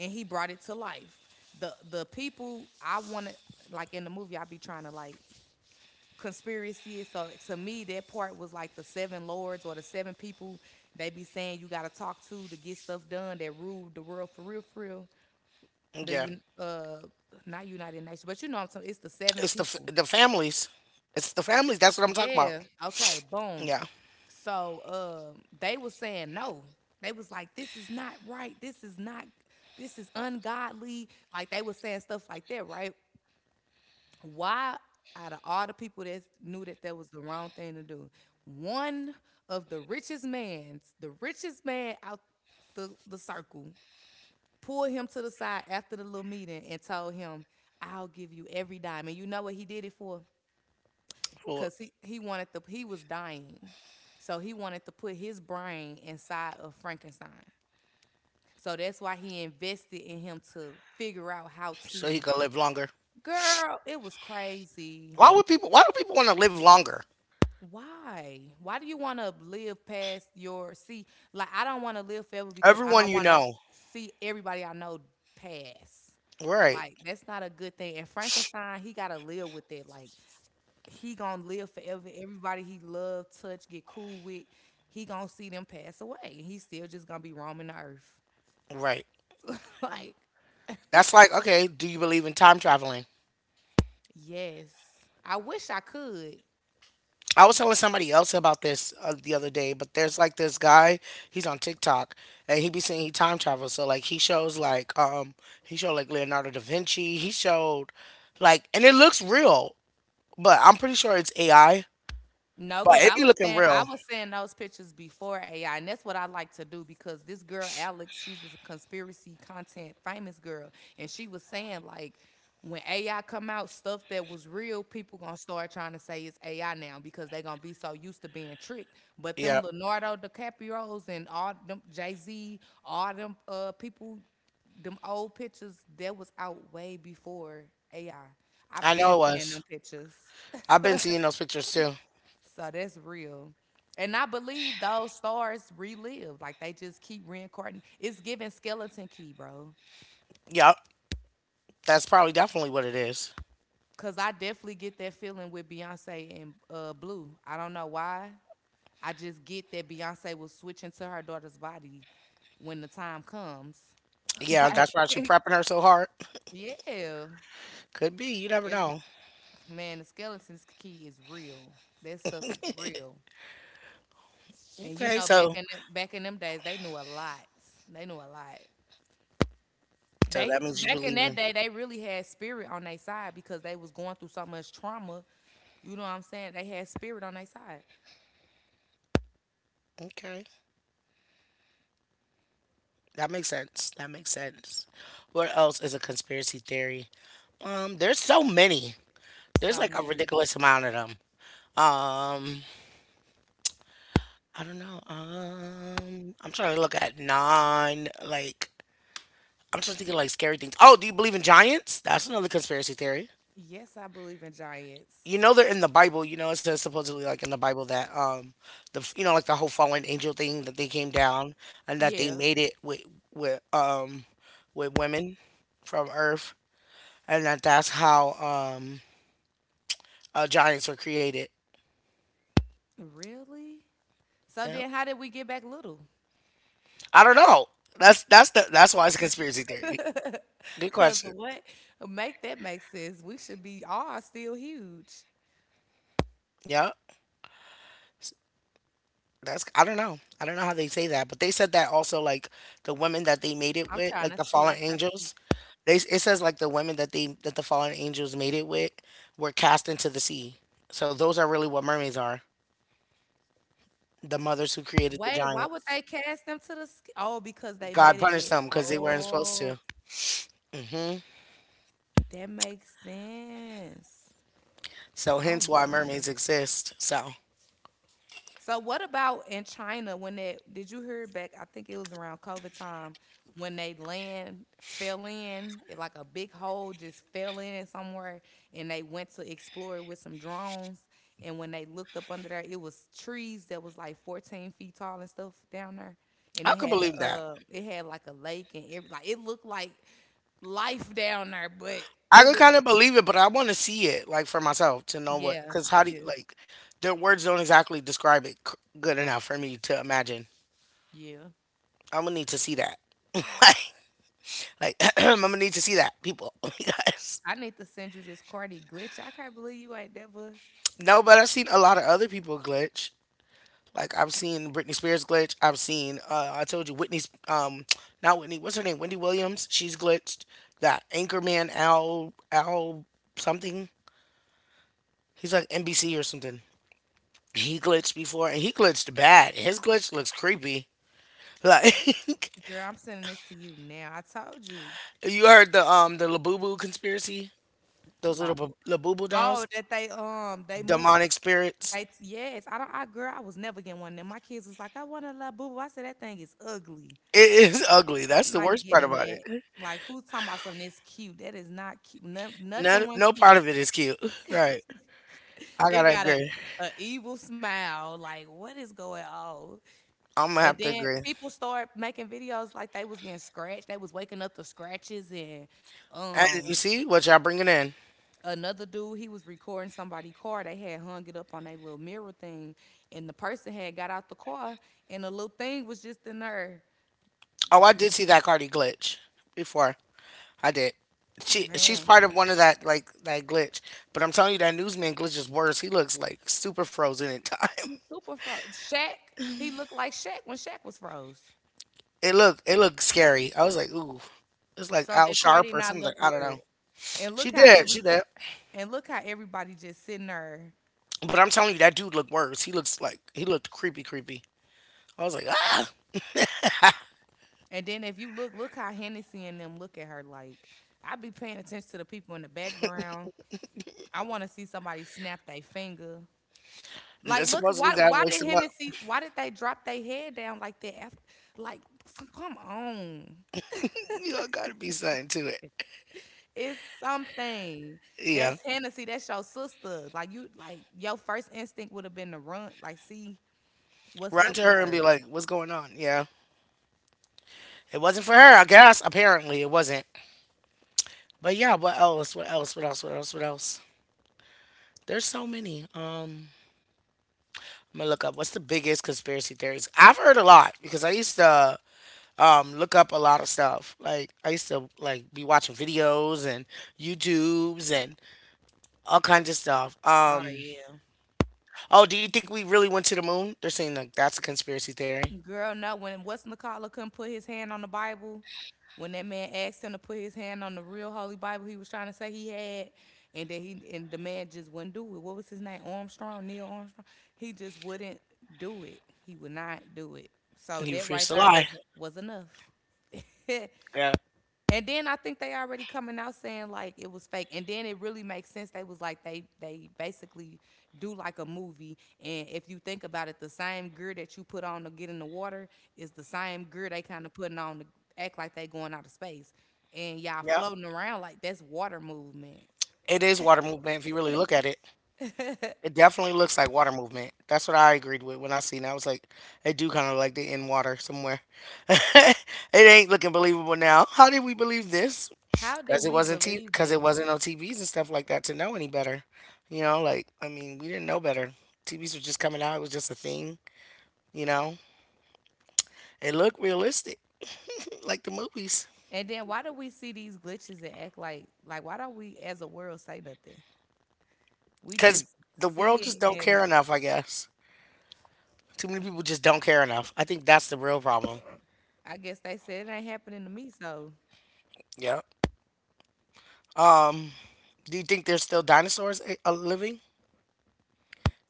Speaker 1: and he brought it to life. The people I wanna like in the movie I be trying to like conspiracy is. So to me, that part was like the seven lords or the seven people they be saying you gotta talk to get stuff done that ruled the world for real, for real. The
Speaker 2: Yeah.
Speaker 1: un- not United Nations, but you know what I'm saying. It's the seven
Speaker 2: It's the
Speaker 1: people.
Speaker 2: the families. It's the families. That's what I'm talking about.
Speaker 1: Yeah. Okay. Boom.
Speaker 2: Yeah,
Speaker 1: So they was saying no. They was like, this is not right. This is not. This is ungodly. Like they was saying stuff like that, right? Why out of all the people that knew that that was the wrong thing to do one of the richest man's the richest man out the circle pulled him to the side after the little meeting and told him I'll give you every dime and you know what he did it for
Speaker 2: for,
Speaker 1: because he wanted to he was dying so he wanted to put his brain inside of Frankenstein so that's why he invested in him to figure out how
Speaker 2: so he
Speaker 1: to
Speaker 2: could live longer.
Speaker 1: girl it was crazy.
Speaker 2: Why would people? Why do people want to live longer?
Speaker 1: Why? Why do you want to live past your see? Like I don't want to live forever because I
Speaker 2: Everyone
Speaker 1: don't
Speaker 2: you
Speaker 1: want to
Speaker 2: know.
Speaker 1: see everybody I know pass.
Speaker 2: Right.
Speaker 1: Like that's not a good thing. And Frankenstein, he gotta live with that. Like he gonna live forever. Everybody he love, touch, get cool with, he gonna see them pass away. And he's still just gonna be roaming the earth.
Speaker 2: Right.
Speaker 1: <laughs> like
Speaker 2: That's like okay. Do you believe in time traveling?
Speaker 1: yes, I wish I could.
Speaker 2: I was telling somebody else about this the other day, but there's like this guy. He's on TikTok, and he be saying he time travels. So like he shows like he showed like Leonardo da Vinci. He showed like and it looks real, but I'm pretty sure it's AI.
Speaker 1: No,
Speaker 2: But
Speaker 1: because
Speaker 2: it
Speaker 1: I
Speaker 2: be
Speaker 1: was
Speaker 2: looking
Speaker 1: saying
Speaker 2: real.
Speaker 1: I was seeing those pictures before AI, and that's what I like to do because this girl Alex, she's a conspiracy content famous girl, and she was saying like when AI come out, stuff that was real, people gonna start trying to say it's AI now because they gonna be so used to being tricked. But them
Speaker 2: Yeah.
Speaker 1: Leonardo DiCaprio's and all them Jay Z, all them people, them old pictures that was out way before AI. I've
Speaker 2: I
Speaker 1: been
Speaker 2: know it
Speaker 1: seeing them
Speaker 2: was.
Speaker 1: pictures.
Speaker 2: I've been seeing those pictures too.
Speaker 1: So that's real. And I believe those stars relive. Like they just keep reincarnating. It's giving skeleton key, bro.
Speaker 2: Yep, that's probably definitely what it is.
Speaker 1: Cause I definitely get that feeling with Beyonce and Blue. I don't know why. I just get that Beyonce was switching to her daughter's body when the time comes. <laughs>
Speaker 2: Yeah,
Speaker 1: like,
Speaker 2: that's why
Speaker 1: <laughs>
Speaker 2: she prepping her so hard.
Speaker 1: yeah.
Speaker 2: Could be. You never
Speaker 1: It's
Speaker 2: know.
Speaker 1: like, man, the skeleton's key is real. That stuff is real. And you
Speaker 2: Okay,
Speaker 1: know, back
Speaker 2: so
Speaker 1: in them, back in them days, they knew a lot. They knew a lot.
Speaker 2: so
Speaker 1: They
Speaker 2: that means you
Speaker 1: back in
Speaker 2: believe
Speaker 1: that
Speaker 2: in.
Speaker 1: day, they really had spirit on their side because they was going through so much trauma. You know what I'm saying? They had spirit on their side.
Speaker 2: Okay, that makes sense. That makes sense. What else is a conspiracy theory? There's so many. There's
Speaker 1: So
Speaker 2: like a
Speaker 1: many.
Speaker 2: ridiculous amount of them. Um, I don't know. I'm trying to look at non like. I'm just thinking like scary things. Oh, do you believe in giants? That's another conspiracy theory.
Speaker 1: Yes, I believe in giants.
Speaker 2: You know they're in the Bible. You know it says supposedly like in the Bible that the you know like the whole fallen angel thing that they came down and that they
Speaker 1: Yeah.
Speaker 2: made it with um with women from Earth and that that's how giants were created.
Speaker 1: Really? So
Speaker 2: Yeah,
Speaker 1: then how did we get back little?
Speaker 2: I don't know. That's why it's a conspiracy theory.
Speaker 1: <laughs>
Speaker 2: Good
Speaker 1: Cause
Speaker 2: question.
Speaker 1: what? Make that make sense. We should be all still huge.
Speaker 2: Yeah. That's I don't know. I don't know how they say that, but they said that also like the women that they made
Speaker 1: I'm
Speaker 2: it
Speaker 1: trying to
Speaker 2: with,
Speaker 1: see.
Speaker 2: like the fallen angels. They it says like the women that they that the fallen angels made it with were cast into the sea. So those are really what mermaids are. The mothers who created
Speaker 1: Wait,
Speaker 2: the
Speaker 1: why would they
Speaker 2: giants.
Speaker 1: cast them to the oh, because they made it
Speaker 2: God
Speaker 1: with.
Speaker 2: punished them because they weren't supposed
Speaker 1: Oh,
Speaker 2: to. Hmm.
Speaker 1: that makes sense.
Speaker 2: So
Speaker 1: Oh
Speaker 2: hence why
Speaker 1: my.
Speaker 2: mermaids exist. So
Speaker 1: So what about in China when that did you hear back I think it was around COVID time when they land fell in it like a big hole just fell in somewhere, and they went to explore it with some drones, and when they looked up under there it was trees that was like 14 feet tall and stuff down there, and
Speaker 2: I
Speaker 1: it
Speaker 2: could
Speaker 1: had
Speaker 2: believe
Speaker 1: a
Speaker 2: that.
Speaker 1: it had like a lake and every like it looked like life down there but
Speaker 2: I
Speaker 1: it
Speaker 2: could
Speaker 1: was
Speaker 2: kind of believe it, but I want to see it like for myself to know what.
Speaker 1: yeah
Speaker 2: Because how do you
Speaker 1: yeah
Speaker 2: like their words don't exactly describe it good enough for me to imagine.
Speaker 1: yeah.
Speaker 2: I'm gonna need to see that. <laughs> like, like <clears throat> I'm gonna need to see that, people. <laughs> because
Speaker 1: I need to send you this Cardi glitch. I can't believe you ain't never.
Speaker 2: no, but I've seen a lot of other people glitch. Like I've seen Britney Spears glitch. I've seen I told you Whitney's not Whitney. What's her name? Wendy Williams. She's glitched. That anchorman Al something. He's like NBC or something. He glitched before and he glitched bad. His glitch looks creepy. Like <laughs>
Speaker 1: Girl, I'm sending this to you now. I told you,
Speaker 2: you heard the Labubu conspiracy. Those little
Speaker 1: Labu.
Speaker 2: Labubu
Speaker 1: Oh,
Speaker 2: dolls,
Speaker 1: that they moved.
Speaker 2: demonic spirits.
Speaker 1: They yes, I don't. I girl, I was never getting one of them. My kids was like, I want a Labu. I said that thing is ugly.
Speaker 2: It is ugly. That's
Speaker 1: I'm
Speaker 2: the
Speaker 1: not
Speaker 2: worst part
Speaker 1: getting
Speaker 2: about
Speaker 1: that.
Speaker 2: it.
Speaker 1: Like, who's talking about something that's cute? That is not cute. No, nothing
Speaker 2: None,
Speaker 1: went
Speaker 2: no
Speaker 1: cute.
Speaker 2: part of it is cute. Right.
Speaker 1: <laughs>
Speaker 2: I
Speaker 1: it
Speaker 2: gotta
Speaker 1: got
Speaker 2: agree.
Speaker 1: a evil smile. Like, what is going on?
Speaker 2: I'm gonna
Speaker 1: And
Speaker 2: have to
Speaker 1: then
Speaker 2: agree.
Speaker 1: people start making videos like they was getting scratched. They was waking up to scratches and
Speaker 2: And
Speaker 1: um
Speaker 2: you see what y'all bringing in?
Speaker 1: another dude he was recording somebody's car. They had hung it up on their little mirror thing, and the person had got out the car, and the little thing was just in there.
Speaker 2: Oh, I did see that Cardi glitch before. I did. She's
Speaker 1: Man,
Speaker 2: part of one of that like that glitch. But I'm telling you that newsman glitch is worse. He looks like super frozen in time. <laughs>
Speaker 1: he's super froze. Shaq, he looked like Shaq when Shaq was froze.
Speaker 2: It looked scary. I was like, ooh, it's like
Speaker 1: So did
Speaker 2: Al
Speaker 1: Cardi
Speaker 2: Sharp or
Speaker 1: not look
Speaker 2: something. I don't
Speaker 1: weird.
Speaker 2: know.
Speaker 1: And look
Speaker 2: She
Speaker 1: how
Speaker 2: did.
Speaker 1: every
Speaker 2: She did.
Speaker 1: and look how everybody just sitting there.
Speaker 2: But I'm telling you that dude looked worse. He looks like he looked creepy, creepy. I was like, ah.
Speaker 1: And then if you look, look how Hennessy and them look at her like. I be paying attention to the people in the background. I want to see somebody snap their finger.
Speaker 2: And
Speaker 1: Like, look,
Speaker 2: supposedly that
Speaker 1: why
Speaker 2: wakes
Speaker 1: did
Speaker 2: him up.
Speaker 1: Hennessy? Why did they drop their head down like that? After, like, f- come on,
Speaker 2: You know, gotta be something to it.
Speaker 1: it's something.
Speaker 2: Yeah.
Speaker 1: That's Hennessy. That's your sister. Like you, like your first instinct would have been to run. Like, see what's
Speaker 2: Run
Speaker 1: up
Speaker 2: to
Speaker 1: with
Speaker 2: her and be
Speaker 1: her.
Speaker 2: like, what's going on? Yeah. It wasn't for her, I guess. Apparently it wasn't. But yeah, what else? What else? What else? What else? What else? There's so many. I'm gonna look up what's the biggest conspiracy theories. I've heard a lot because I used to look up a lot of stuff. Like I used to like be watching videos and YouTubes and all kinds of stuff.
Speaker 1: Oh yeah.
Speaker 2: Oh, do you think we really went to the moon? They're saying like that's a conspiracy theory.
Speaker 1: Girl, no, when What's McCullough couldn't put his hand on the Bible, when that man asked him to put his hand on the real holy Bible he was trying to say he had, and then he and the man just wouldn't do it. What was his name? Armstrong, Neil Armstrong. He just wouldn't do it. He would not do it.
Speaker 2: And he
Speaker 1: So that
Speaker 2: refused to
Speaker 1: right there
Speaker 2: lie.
Speaker 1: was enough. <laughs>
Speaker 2: Yeah.
Speaker 1: And then I think they already coming out saying like it was fake. And then it really makes sense. They was like they basically do like a movie. And if you think about it, the same gear that you put on to get in the water is the same gear they kind of putting on to act like they going out of space. And y'all
Speaker 2: Yeah.
Speaker 1: floating around like that's water movement.
Speaker 2: It is water movement if you really look at it. It
Speaker 1: <laughs>
Speaker 2: definitely looks like water movement. That's what I agreed with when I seen it. I was like, they do kind of like they in water somewhere. <laughs> It ain't looking believable now. How did we believe this?
Speaker 1: How did
Speaker 2: Because it
Speaker 1: we
Speaker 2: wasn't t-
Speaker 1: believe
Speaker 2: cause it
Speaker 1: this?
Speaker 2: wasn't on TVs and stuff like that to know any better. Like I mean, we didn't know better. TVs were just coming out. It was just a thing. You know, it looked realistic, like the movies.
Speaker 1: And then why do we see these glitches and act like why don't we as a world say nothing? We
Speaker 2: Because
Speaker 1: just
Speaker 2: the world just
Speaker 1: see it
Speaker 2: don't
Speaker 1: and
Speaker 2: care enough, I guess. Too many people just don't care enough. I think that's the real problem.
Speaker 1: I guess they said it ain't happening to me, so
Speaker 2: Yeah. Um, do you think there's still dinosaurs a living?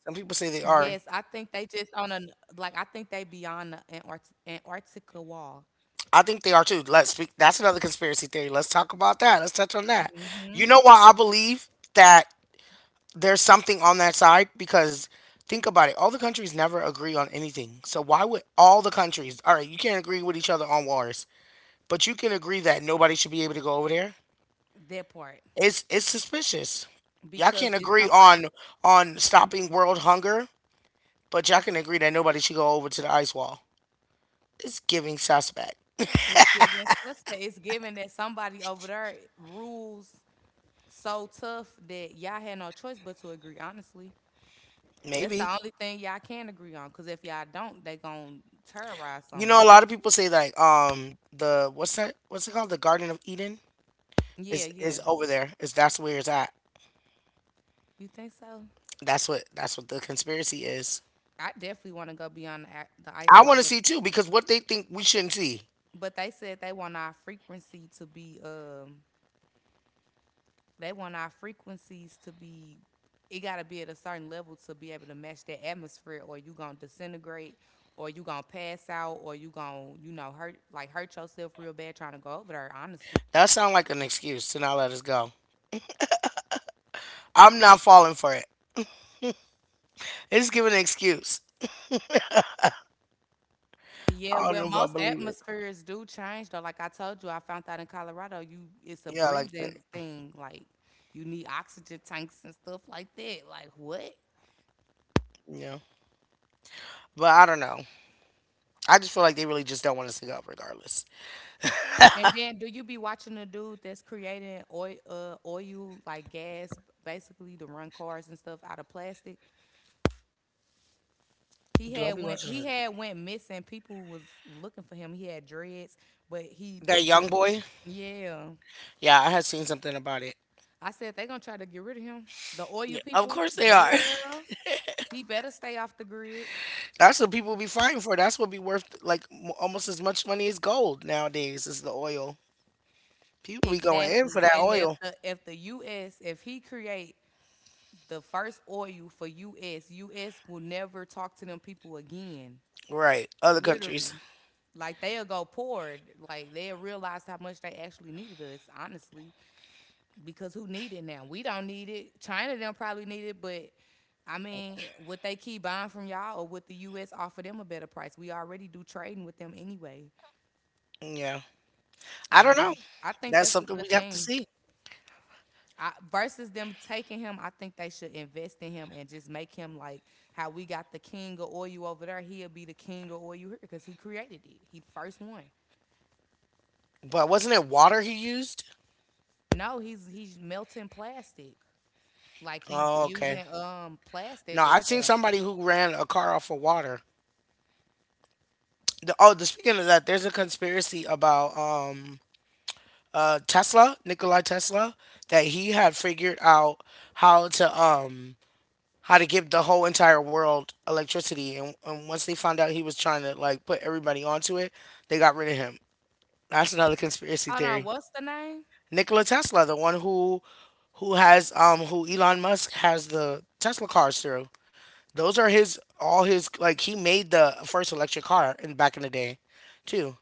Speaker 2: Some people say
Speaker 1: yes,
Speaker 2: they
Speaker 1: I
Speaker 2: are.
Speaker 1: think they just on a like, I think they beyond the Antarctica wall.
Speaker 2: I think they are too. Let's speak. That's another conspiracy theory. Let's talk about that. Let's touch on that.
Speaker 1: Mhm.
Speaker 2: You know why I believe that there's something on that side? Because think about it. All the countries never agree on anything. So why would all the countries? All right, you can't agree with each other on wars, but you can agree that nobody should be able to go over there.
Speaker 1: That part.
Speaker 2: It's suspicious. Y'all
Speaker 1: Because
Speaker 2: can't
Speaker 1: it's
Speaker 2: agree on
Speaker 1: somebody
Speaker 2: stopping world hunger, but y'all can agree that nobody should go over to the ice wall. It's giving suspect.
Speaker 1: it's giving suspect, it's giving that somebody over there rules so tough that y'all had no choice but to agree, honestly. That's the
Speaker 2: Maybe.
Speaker 1: only thing y'all can agree on. Cause if y'all don't, they gon' terrorize
Speaker 2: You
Speaker 1: 'em.
Speaker 2: know, a lot of people say like, the what's that? What's it called? The Garden of Eden
Speaker 1: Yeah,
Speaker 2: is
Speaker 1: yeah.
Speaker 2: is over there. Is that's where it's at?
Speaker 1: You think so?
Speaker 2: That's what the conspiracy is.
Speaker 1: I definitely wanna go beyond the ice
Speaker 2: I
Speaker 1: wall,
Speaker 2: want to see too because what they think we shouldn't see.
Speaker 1: but they said they want our frequency to be they want our frequencies to be it gotta be at a certain level to be able to match that atmosphere, or you gonna disintegrate, or you gonna pass out, or you gonna you know hurt like hurt yourself real bad trying to go over there honestly.
Speaker 2: That sounds like an excuse to not let us go. I'm not falling for it. It's giving an excuse.
Speaker 1: Yeah,
Speaker 2: I don't
Speaker 1: well
Speaker 2: know if I
Speaker 1: most
Speaker 2: believe it.
Speaker 1: atmospheres do change though, like I told you I found out in Colorado you it's a
Speaker 2: Yeah, like that.
Speaker 1: breathing thing, like you need oxygen tanks and stuff like that, like what.
Speaker 2: Yeah, but I don't know. I just feel like they really just don't want us to go, regardless.
Speaker 1: And then, do you be watching the dude that's creating oil, oil like gas, basically to run cars and stuff out of plastic?
Speaker 2: Do I be watching
Speaker 1: He
Speaker 2: the-
Speaker 1: had went missing. People was looking for him. He had dreads, but he
Speaker 2: that young
Speaker 1: be-
Speaker 2: boy?
Speaker 1: yeah.
Speaker 2: Yeah, I had seen something about it.
Speaker 1: I said they gonna try to get rid of him. The oil
Speaker 2: Yeah, of
Speaker 1: people,
Speaker 2: course they are.
Speaker 1: girl, he better stay off the grid.
Speaker 2: <laughs> That's what people be fighting for. That's what be worth like m- almost as much money as gold nowadays is the oil. People be going in for
Speaker 1: Exactly.
Speaker 2: that
Speaker 1: And
Speaker 2: oil.
Speaker 1: if the US if he create the first oil for US, US will never talk to them people again.
Speaker 2: Right. Other countries.
Speaker 1: Literally. Like they'll go poured. Like they'll realize how much they actually needed us, honestly. Because who need it now? We don't need it. China don't probably need it, but I mean, would they keep buying from y'all or would the US offer them a better price? We already do trading with them anyway.
Speaker 2: Yeah. I
Speaker 1: I
Speaker 2: don't know.
Speaker 1: I think
Speaker 2: That's
Speaker 1: that's a
Speaker 2: something
Speaker 1: good
Speaker 2: we have to
Speaker 1: thing.
Speaker 2: see.
Speaker 1: I, versus them taking him, I think they should invest in him and just make him like how we got the king of oil over there. He'll be the king of oil here because he created it. He the first one.
Speaker 2: But wasn't it water he used?
Speaker 1: No, he's melting plastic. Like he's
Speaker 2: Oh, okay.
Speaker 1: using plastic
Speaker 2: No,
Speaker 1: and
Speaker 2: I seen
Speaker 1: stuff.
Speaker 2: somebody who ran a car off of water. The, oh, the, speaking of that, there's a conspiracy about Tesla, Nikola Tesla, that he had figured out how to um how to give the whole entire world electricity. And once they found out he was trying to like put everybody onto it, they got rid of him. That's another conspiracy
Speaker 1: Hold on,
Speaker 2: theory.
Speaker 1: what's the name?
Speaker 2: Nikola Tesla, the one who has who Elon Musk has the Tesla cars through. Those are his all his like he made the first electric car in back in the day, too.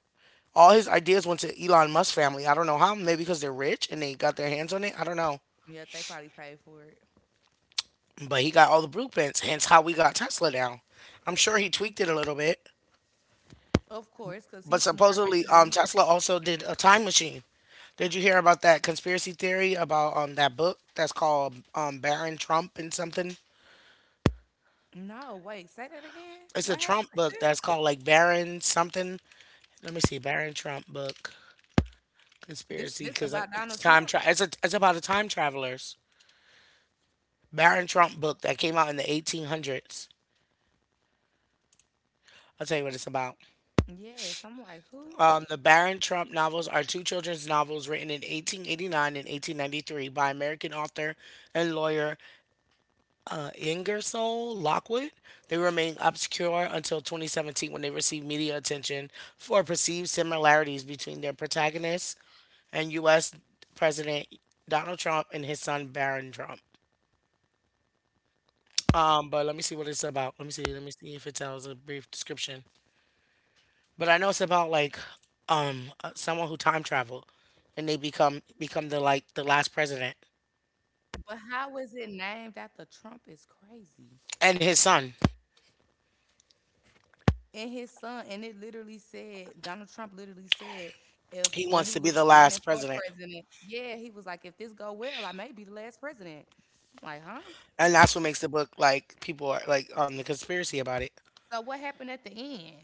Speaker 2: All his ideas went to Elon Musk family. I don't know how, maybe because they're rich and they got their hands on it. I don't know.
Speaker 1: Yep, they probably paid for it.
Speaker 2: But he got all the blueprints, hence how we got Tesla now. I'm sure he tweaked it a little bit.
Speaker 1: Of course, cause
Speaker 2: But
Speaker 1: he's smart
Speaker 2: supposedly,
Speaker 1: too.
Speaker 2: Tesla also did a time machine. Did you hear about that conspiracy theory about that book that's called Baron Trump and something?
Speaker 1: No, wait, say that again.
Speaker 2: It's a
Speaker 1: What
Speaker 2: Trump
Speaker 1: happened?
Speaker 2: book that's called like Baron something. Let me see, Baron Trump book
Speaker 1: This
Speaker 2: conspiracy
Speaker 1: this
Speaker 2: because
Speaker 1: about Donald Trump?
Speaker 2: it's a, it's about the time travelers. Baron Trump book that came out in the 1800s. I'll tell you what it's about.
Speaker 1: Yes, I'm like who?
Speaker 2: The Baron Trump novels are two children's novels written in 1889 and 1893 by American author and lawyer Ingersoll Lockwood. They remained obscure until 2017 when they received media attention for perceived similarities between their protagonist and U.S. President Donald Trump and his son Barron Trump. But let me see what it's about. Let me see. Let me see if it tells a brief description. But I know it's about like someone who time traveled, and they become the like the last president
Speaker 1: But how is it named after Trump? Is crazy.
Speaker 2: and his son.
Speaker 1: And his son, and it literally said Donald Trump literally said if when he was
Speaker 2: He wants to
Speaker 1: running
Speaker 2: be
Speaker 1: for
Speaker 2: the last
Speaker 1: president,
Speaker 2: president,
Speaker 1: yeah, he was like, if this go well, I may be the last president. I'm like, huh?
Speaker 2: and that's what makes the book like people are like on the conspiracy about it.
Speaker 1: So what happened at the end?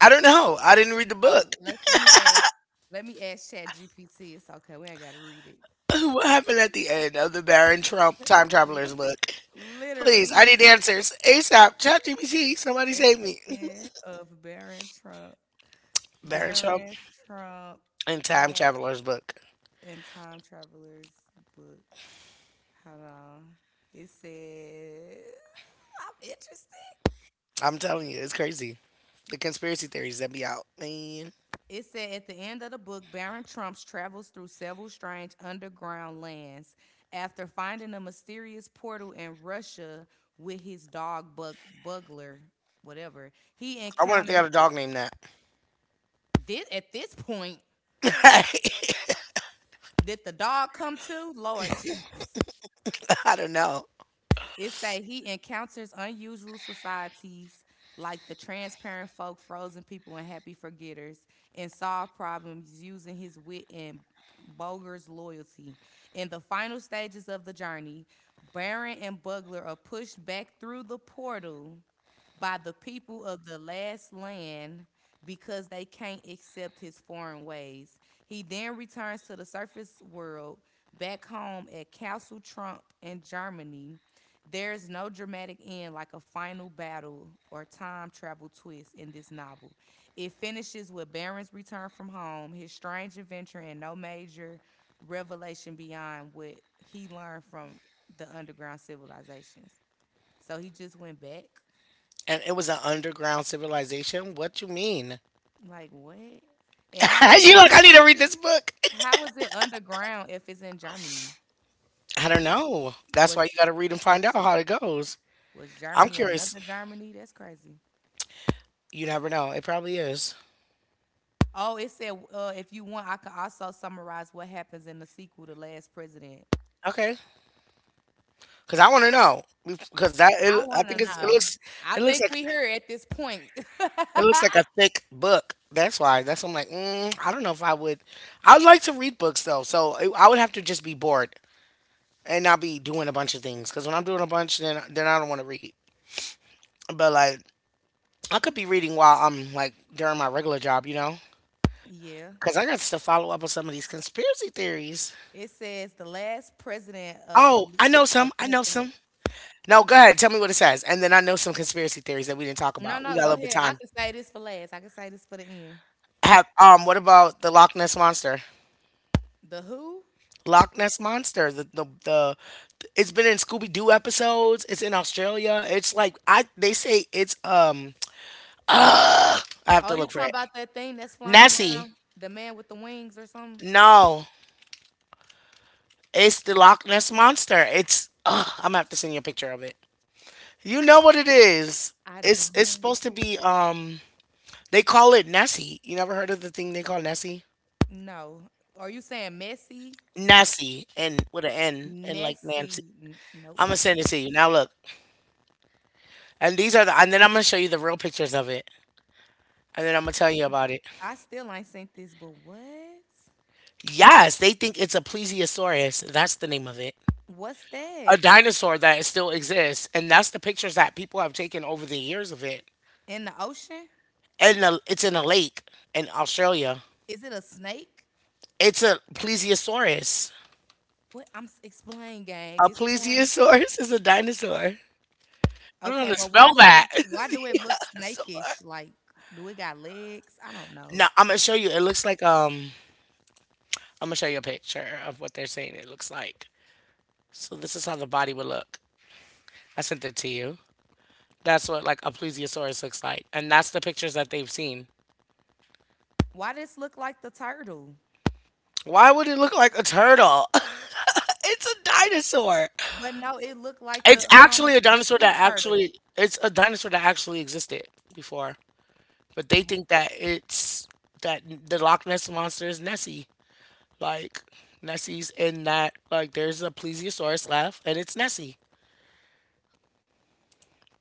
Speaker 2: I don't know. I didn't read the
Speaker 1: Oh,
Speaker 2: book.
Speaker 1: let
Speaker 2: <laughs>
Speaker 1: let me ask let me ask Chat GPT. It's okay. We ain't gotta read it.
Speaker 2: What happened at the end of the Baron Trump Time Traveler's book?
Speaker 1: <laughs>
Speaker 2: Please,
Speaker 1: Literally
Speaker 2: I need answers. ASAP, ChatGPT, somebody
Speaker 1: at
Speaker 2: save me.
Speaker 1: the
Speaker 2: <laughs>
Speaker 1: end of Baron Trump,
Speaker 2: Baron Trump
Speaker 1: Baron Trump,
Speaker 2: and Time
Speaker 1: uh,
Speaker 2: Traveler's book.
Speaker 1: and Time Traveler's book. Hold on. It said, "I'm interested."
Speaker 2: I'm telling you, it's crazy. The conspiracy theories that be out, man.
Speaker 1: It said at the end of the book, Baron Trumps travels through several strange underground lands after finding a mysterious portal in Russia with his dog Bugler, whatever. He
Speaker 2: I wonder if they got
Speaker 1: encounters
Speaker 2: a dog named that.
Speaker 1: this at this point.
Speaker 2: <laughs>
Speaker 1: Did the dog come to? Lord Jesus.
Speaker 2: I don't know.
Speaker 1: It say he encounters unusual societies like the transparent folk, frozen people, and happy forgetters, and solve problems using his wit and Boger's loyalty. In the final stages of the journey, Baron and Bugler are pushed back through the portal by the people of the last land because they can't accept his foreign ways. He then returns to the surface world back home at Castle Trump in Germany. There's no dramatic end like a final battle or time travel twist in this novel. It finishes with Baron's return from home, his strange adventure, and no major revelation beyond what he learned from the underground civilizations. So he just went back.
Speaker 2: And it was an underground civilization. What you mean?
Speaker 1: Like what? And
Speaker 2: <laughs> You like, I need to read this book. <laughs>
Speaker 1: how is it underground if it's in Germany?
Speaker 2: I don't know. That's why you
Speaker 1: Was
Speaker 2: got to read and find out
Speaker 1: was
Speaker 2: how it goes.
Speaker 1: was
Speaker 2: I'm
Speaker 1: Germany
Speaker 2: curious.
Speaker 1: another Germany? That's crazy.
Speaker 2: You never know. It probably is.
Speaker 1: Oh, it said if you want, I could also summarize what happens in the sequel to Last President.
Speaker 2: Okay, because I want to know because
Speaker 1: I
Speaker 2: I
Speaker 1: want to
Speaker 2: think it
Speaker 1: know.
Speaker 2: looks
Speaker 1: I
Speaker 2: it looks
Speaker 1: think
Speaker 2: like
Speaker 1: we here at this point. <laughs>
Speaker 2: it looks like a thick book. That's why. That's why I'm like mm, I don't know if I would. I would like to read books though, so I would have to just be bored and not be doing a bunch of things. Because when I'm doing a bunch, then I don't want to read. But like I could be reading while I'm like during my regular job, you know.
Speaker 1: yeah.
Speaker 2: Because I got to follow up on some of these conspiracy theories.
Speaker 1: It says the last president of.
Speaker 2: Oh,
Speaker 1: Poli-
Speaker 2: I know
Speaker 1: oh,
Speaker 2: some. I
Speaker 1: go ahead.
Speaker 2: know
Speaker 1: Go ahead.
Speaker 2: some. No, go ahead. Tell me what it says, and then I know some conspiracy theories that we didn't talk
Speaker 1: No,
Speaker 2: about. We
Speaker 1: no,
Speaker 2: got a
Speaker 1: go
Speaker 2: little bit of
Speaker 1: ahead. I
Speaker 2: time.
Speaker 1: can say this for last. I can say this for the end.
Speaker 2: Have what about the Loch Ness monster?
Speaker 1: The who?
Speaker 2: Loch Ness monster. The it's been in Scooby Doo episodes. It's in Australia. It's like I they say it's. <sighs> Uh, I have
Speaker 1: Oh,
Speaker 2: to
Speaker 1: you
Speaker 2: look for
Speaker 1: talking
Speaker 2: it.
Speaker 1: about that thing that's flying
Speaker 2: Nessie.
Speaker 1: around? The man with the wings or something?
Speaker 2: No, it's the Loch Ness monster. It's <sighs> ugh, I'm gonna have to send you a picture of it. You know what it is?
Speaker 1: I
Speaker 2: It's
Speaker 1: don't
Speaker 2: supposed to be. They call it Nessie. You never heard of the thing they call Nessie?
Speaker 1: know. Are you saying Messi?
Speaker 2: Nasty and with an N and like Nancy.
Speaker 1: Nessie? N-
Speaker 2: I'm gonna
Speaker 1: nope.
Speaker 2: send it to you. Now look, and these are the, and then I'm gonna show you the real pictures of it, and then I'm gonna tell you about it.
Speaker 1: I still ain't seen this, but what?
Speaker 2: Yes, they think it's a plesiosaurus. That's the name of it.
Speaker 1: What's
Speaker 2: A
Speaker 1: that? It's
Speaker 2: dinosaur that still exists, and that's the pictures that people have taken over the years of it.
Speaker 1: in the ocean?
Speaker 2: And the, it's in a lake in Australia.
Speaker 1: Is it a snake?
Speaker 2: It's a plesiosaurus.
Speaker 1: What? I'm s- explain, gang.
Speaker 2: A
Speaker 1: Explain.
Speaker 2: plesiosaurus is a dinosaur. I don't know
Speaker 1: Okay,
Speaker 2: how to
Speaker 1: but why
Speaker 2: spell
Speaker 1: do
Speaker 2: that.
Speaker 1: it?
Speaker 2: <laughs>
Speaker 1: Why do it look
Speaker 2: Yeah, so-
Speaker 1: snakish? Like, do it got legs? I don't know.
Speaker 2: no, I'm gonna show you. It looks like I'm gonna show you a picture of what they're saying it looks like. So this is how the body would look. I sent it to you. That's what like a plesiosaurus looks like, and that's the pictures that they've seen.
Speaker 1: Why does look like the turtle?
Speaker 2: Why would it look like a turtle? <laughs> It's a dinosaur.
Speaker 1: But no, it looked like
Speaker 2: It's
Speaker 1: the
Speaker 2: actually
Speaker 1: um
Speaker 2: a
Speaker 1: the
Speaker 2: dinosaur
Speaker 1: sea
Speaker 2: that
Speaker 1: turtle.
Speaker 2: actually existed before, but they think that it's that the Loch Ness monster is Nessie. Like Nessie's in that like there's a plesiosaurus left and it's Nessie.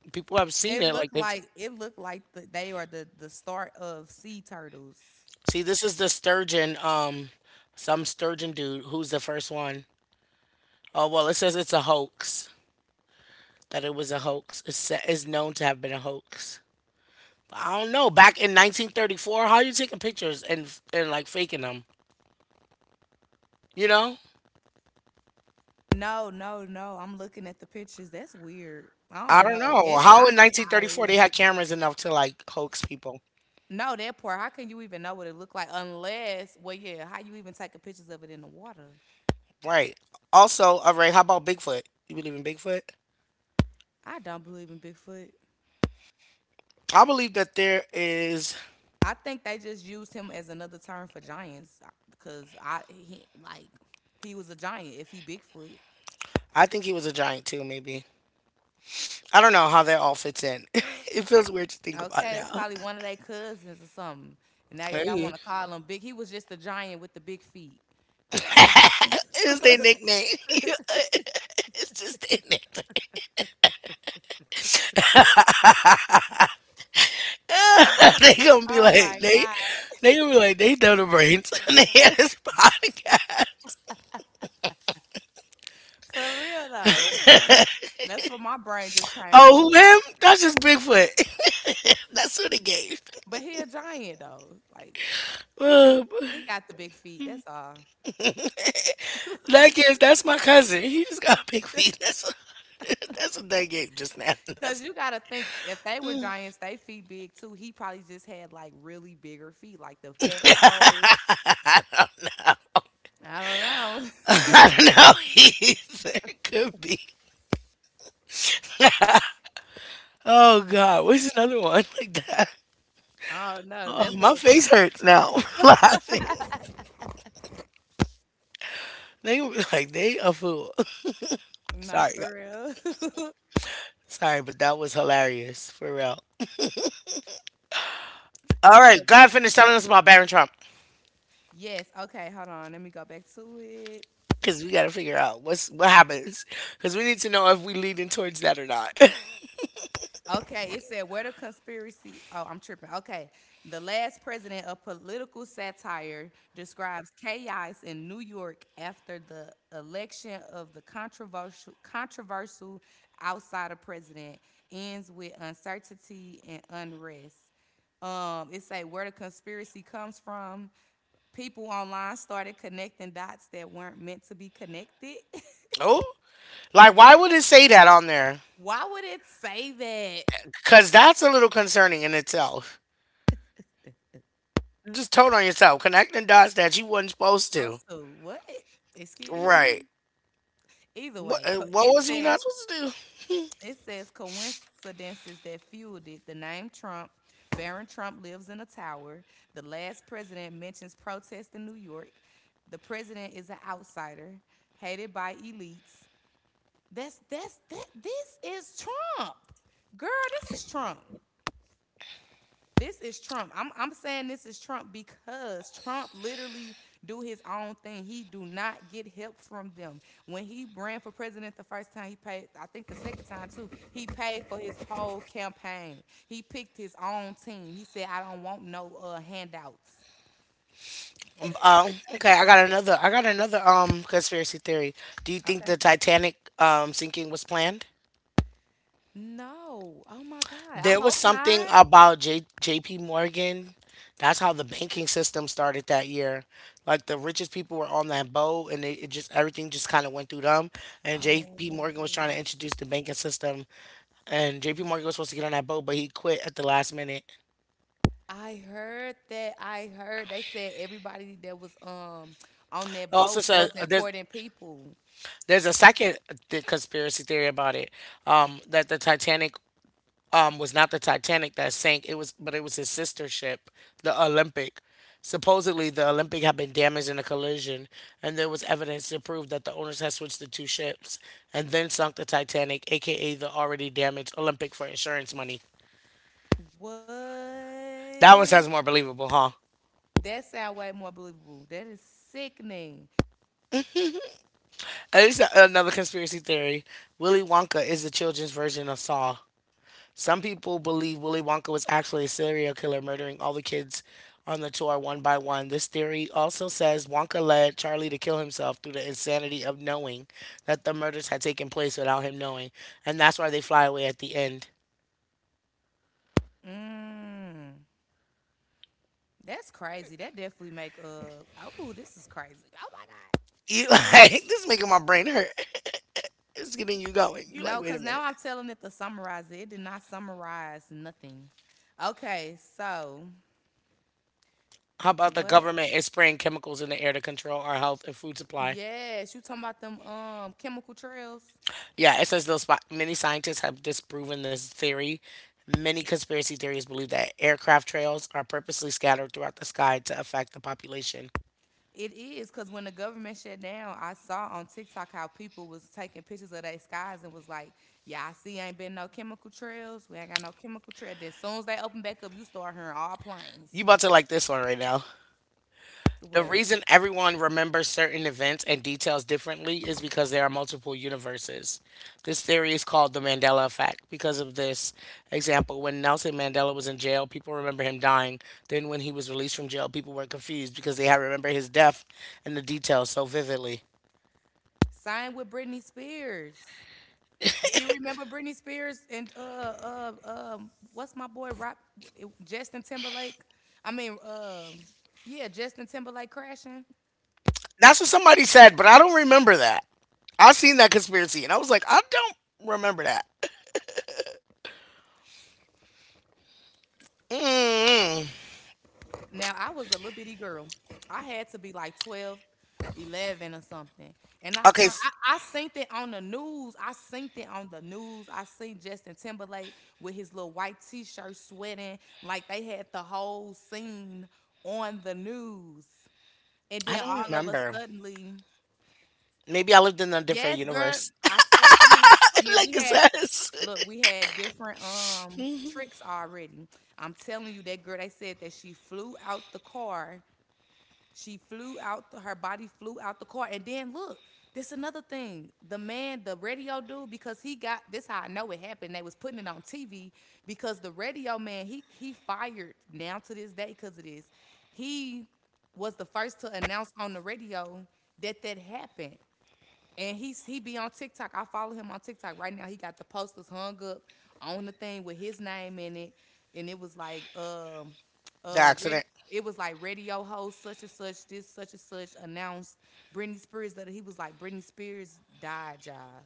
Speaker 2: People have seen
Speaker 1: It
Speaker 2: it like
Speaker 1: looked
Speaker 2: they've
Speaker 1: like the, they are the start of sea turtles.
Speaker 2: See, this is the sturgeon, some sturgeon dude who's the first one. Oh, well, it says it's a hoax, that it was a hoax. It's known to have been a hoax. But I don't know. Back in 1934, how are you taking pictures and like faking them? You know?
Speaker 1: No, no, no. I'm looking at the pictures. That's weird. I
Speaker 2: I
Speaker 1: don't
Speaker 2: don't
Speaker 1: know.
Speaker 2: know.
Speaker 1: It's
Speaker 2: How in
Speaker 1: I
Speaker 2: 1934
Speaker 1: l-
Speaker 2: they had cameras enough to like hoax people?
Speaker 1: no that part. How can you even know what it looked like unless well yeah, how you even taking pictures of it in the water?
Speaker 2: Right. Also, all right, how about Bigfoot? You believe in Bigfoot?
Speaker 1: I don't believe in Bigfoot.
Speaker 2: I believe that there is,
Speaker 1: I think they just used him as another term for giants because I he like he was a giant if he Bigfoot.
Speaker 2: I think he was a giant too, maybe. I don't know how that all fits in. <laughs> It feels weird to think about
Speaker 1: Okay, that's
Speaker 2: now.
Speaker 1: probably one of their cousins or something. And now y'all want
Speaker 2: Hey.
Speaker 1: to call him big. He was just a giant with the big feet.
Speaker 2: <laughs>
Speaker 1: Th- That's
Speaker 2: It's their
Speaker 1: <laughs>
Speaker 2: nickname. <laughs> It's just their nickname. <laughs> <laughs> They gonna be
Speaker 1: oh
Speaker 2: like
Speaker 1: my god.
Speaker 2: they gonna be like they dumb the brains <laughs> and they had this podcast.
Speaker 1: For real though. That's that's what my brain just came up
Speaker 2: Oh, who
Speaker 1: with.
Speaker 2: him? That's just Bigfoot. <laughs> That's who they gave. <laughs>
Speaker 1: But he a giant though. Like he just
Speaker 2: Um,
Speaker 1: he got the big feet. That's all.
Speaker 2: that's my cousin. He just got big feet.
Speaker 1: <laughs>
Speaker 2: That's <laughs> that's what they gave just now. That's
Speaker 1: Cause you gotta think if they were giants, they feet big too. He probably just had like really bigger feet, like the fat toes. I don't know.
Speaker 2: <laughs> I don't know. <laughs> There could be. Oh God, what's another one like that?
Speaker 1: <laughs> I don't know.
Speaker 2: Oh,
Speaker 1: That
Speaker 2: my
Speaker 1: look
Speaker 2: face hurts now <laughs> laughing.
Speaker 1: <laughs>
Speaker 2: They were like, they a fool. <laughs>
Speaker 1: not
Speaker 2: Sorry, God.
Speaker 1: for real. <laughs> okay,
Speaker 2: Sorry, but that was hilarious for real. All
Speaker 1: what's
Speaker 2: right, God,
Speaker 1: some
Speaker 2: finished telling
Speaker 1: more?
Speaker 2: us about Barron Trump
Speaker 1: Yes, okay, hold on. Let me go back to it.
Speaker 2: because we got to figure out what happens because we need to know if we leading towards that or not.
Speaker 1: Okay, it said where the conspiracy. Oh, I'm tripping. Okay, the last president of political satire describes chaos in New York after the election of the controversial outsider president ends with uncertainty and unrest. It say where the conspiracy comes from. People online started connecting dots that weren't meant to be connected. <laughs>
Speaker 2: <laughs> Oh, like why would it say that on there?
Speaker 1: Why would it say that?
Speaker 2: Because that's a little concerning in itself. Just told on yourself, connecting dots that you wasn't supposed to.
Speaker 1: Also, what? Excuse me.
Speaker 2: Right.
Speaker 1: Either way,
Speaker 2: What,
Speaker 1: co-
Speaker 2: uh, what was we not supposed to do?
Speaker 1: it says coincidences that fueled it. The name Trump, Barron Trump lives in a tower. The last president mentions protest in New York. The president is an outsider, hated by elites. That's that. This is Trump, girl. This is Trump. This is Trump. I'm saying this is Trump because Trump literally do his own thing. He do not get help from them. When he ran for president the first time, he paid. I think the second time too, he paid for his whole campaign. He picked his own team. He said, "I don't want no handouts."
Speaker 2: Okay, I got another. Conspiracy theory. Do you think
Speaker 1: Okay.
Speaker 2: the Titanic sinking was planned?
Speaker 1: No. Oh my God. I
Speaker 2: There was
Speaker 1: hope
Speaker 2: something
Speaker 1: not.
Speaker 2: about J.P. Morgan. That's how the banking system started that year. Like the richest people were on that boat, and it just everything just kind of went through them. And J.P. Morgan was trying
Speaker 1: Oh.
Speaker 2: to introduce the banking system, and J.P. Morgan was supposed to get on that boat, but he quit at the last minute.
Speaker 1: I heard that. I heard they said everybody that was on
Speaker 2: It
Speaker 1: that
Speaker 2: also
Speaker 1: boat
Speaker 2: says
Speaker 1: was
Speaker 2: there's
Speaker 1: important people.
Speaker 2: there's a second conspiracy theory about it, that the Titanic was not the Titanic that sank. It was, but it was his sister ship, the Olympic. Supposedly, the Olympic had been damaged in a collision, and there was evidence to prove that the owners had switched the two ships and then sunk the Titanic, aka the already damaged Olympic, for insurance money.
Speaker 1: What?
Speaker 2: That one sounds more believable, huh?
Speaker 1: That sound way more believable. That is sickening.
Speaker 2: And this is another conspiracy theory. Willy Wonka is the children's version of Saw. Some people believe Willy Wonka was actually a serial killer, murdering all the kids on the tour one by one. This theory also says Wonka led Charlie to kill himself through the insanity of knowing that the murders had taken place without him knowing. And that's why they fly away at the end.
Speaker 1: Mm. That's crazy. That definitely make oh, this is crazy. Oh my god.
Speaker 2: You <laughs> like this is making my brain hurt. It's getting you going. You like,
Speaker 1: No,
Speaker 2: wait a
Speaker 1: because now
Speaker 2: minute.
Speaker 1: I'm telling it to summarize it. It did not summarize nothing. Okay, so
Speaker 2: How about the
Speaker 1: what?
Speaker 2: government is spraying chemicals in the air to control our health and food supply?
Speaker 1: Yes, you talking about them chemical trails?
Speaker 2: Yeah, it says those many scientists have disproven this theory. Many conspiracy theories believe that aircraft trails are purposely scattered throughout the sky to affect the population.
Speaker 1: It is because when the government shut down, I saw on TikTok how people was taking pictures of their skies and was like, "Yeah, I see, ain't been no chemical trails. We ain't got no chemical trail." Then as soon as they open back up, you start hearing all planes.
Speaker 2: You about to like this one right now. The
Speaker 1: What?
Speaker 2: reason everyone remembers certain events and details differently is because there are multiple universes. This theory is called the Mandela effect. Because of this example, when Nelson Mandela was in jail, people remember him dying. Then when he was released from jail, people were confused because they had remember his death and the details so vividly.
Speaker 1: Same with Britney Spears. Do you remember Britney Spears and what's my boy Rob Justin Timberlake? I mean um yeah Justin Timberlake crashing.
Speaker 2: That's what somebody said, but I don't remember that. I've seen that conspiracy, and I was like, I don't remember that. Mm.
Speaker 1: Now, I was a little bitty girl. I had to be like 12, 11 or something. And I, pro-
Speaker 2: Okay,
Speaker 1: I seen it on the news. I seen it on the news. I seen Justin Timberlake with his little white t-shirt sweating like they had the whole scene on the news. And
Speaker 2: I
Speaker 1: then
Speaker 2: don't
Speaker 1: all of a
Speaker 2: remember.
Speaker 1: suddenly,
Speaker 2: Maybe I lived in a different
Speaker 1: yes, girl,
Speaker 2: universe,
Speaker 1: I swear you had, I
Speaker 2: <laughs>
Speaker 1: mean,
Speaker 2: like
Speaker 1: we
Speaker 2: it
Speaker 1: had
Speaker 2: says.
Speaker 1: look, we had different tricks already. I'm telling you that girl, they said that she flew out. The, her body flew out the car. And then look, this another thing. The man, the radio dude, because he got this. How I know it happened. They was putting it on TV because the radio man he fired now to this day because of this. He was the first to announce on the radio that that happened. And he be on TikTok. I follow him on TikTok right now. He got the posters hung up on the thing with his name in it, and it was like
Speaker 2: <laughs> The accident.
Speaker 1: ready. It was like radio host such and such, this such and such announced Britney Spears that he was like Britney Spears died, y'all.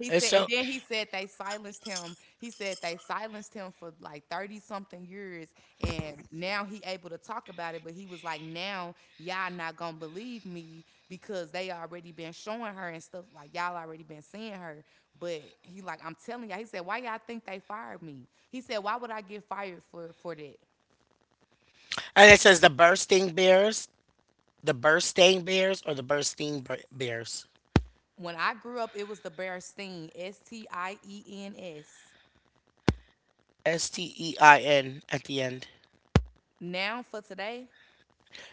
Speaker 1: He
Speaker 2: It's
Speaker 1: said, and
Speaker 2: so,
Speaker 1: then he said they silenced him. He said they silenced him for like 30 something years. And now he able to talk about it. But he was like, now y'all not gonna believe me because they already been showing her and stuff. Like y'all already been seeing her. But he like, I'm telling y'all, he said, why y'all think they fired me? He said, why would I get fired for that?
Speaker 2: and it says the bursting bears, or the bursting bears.
Speaker 1: When I grew up, it was the Bear Steen, Stiens.
Speaker 2: STEIN at the end.
Speaker 1: Now for today,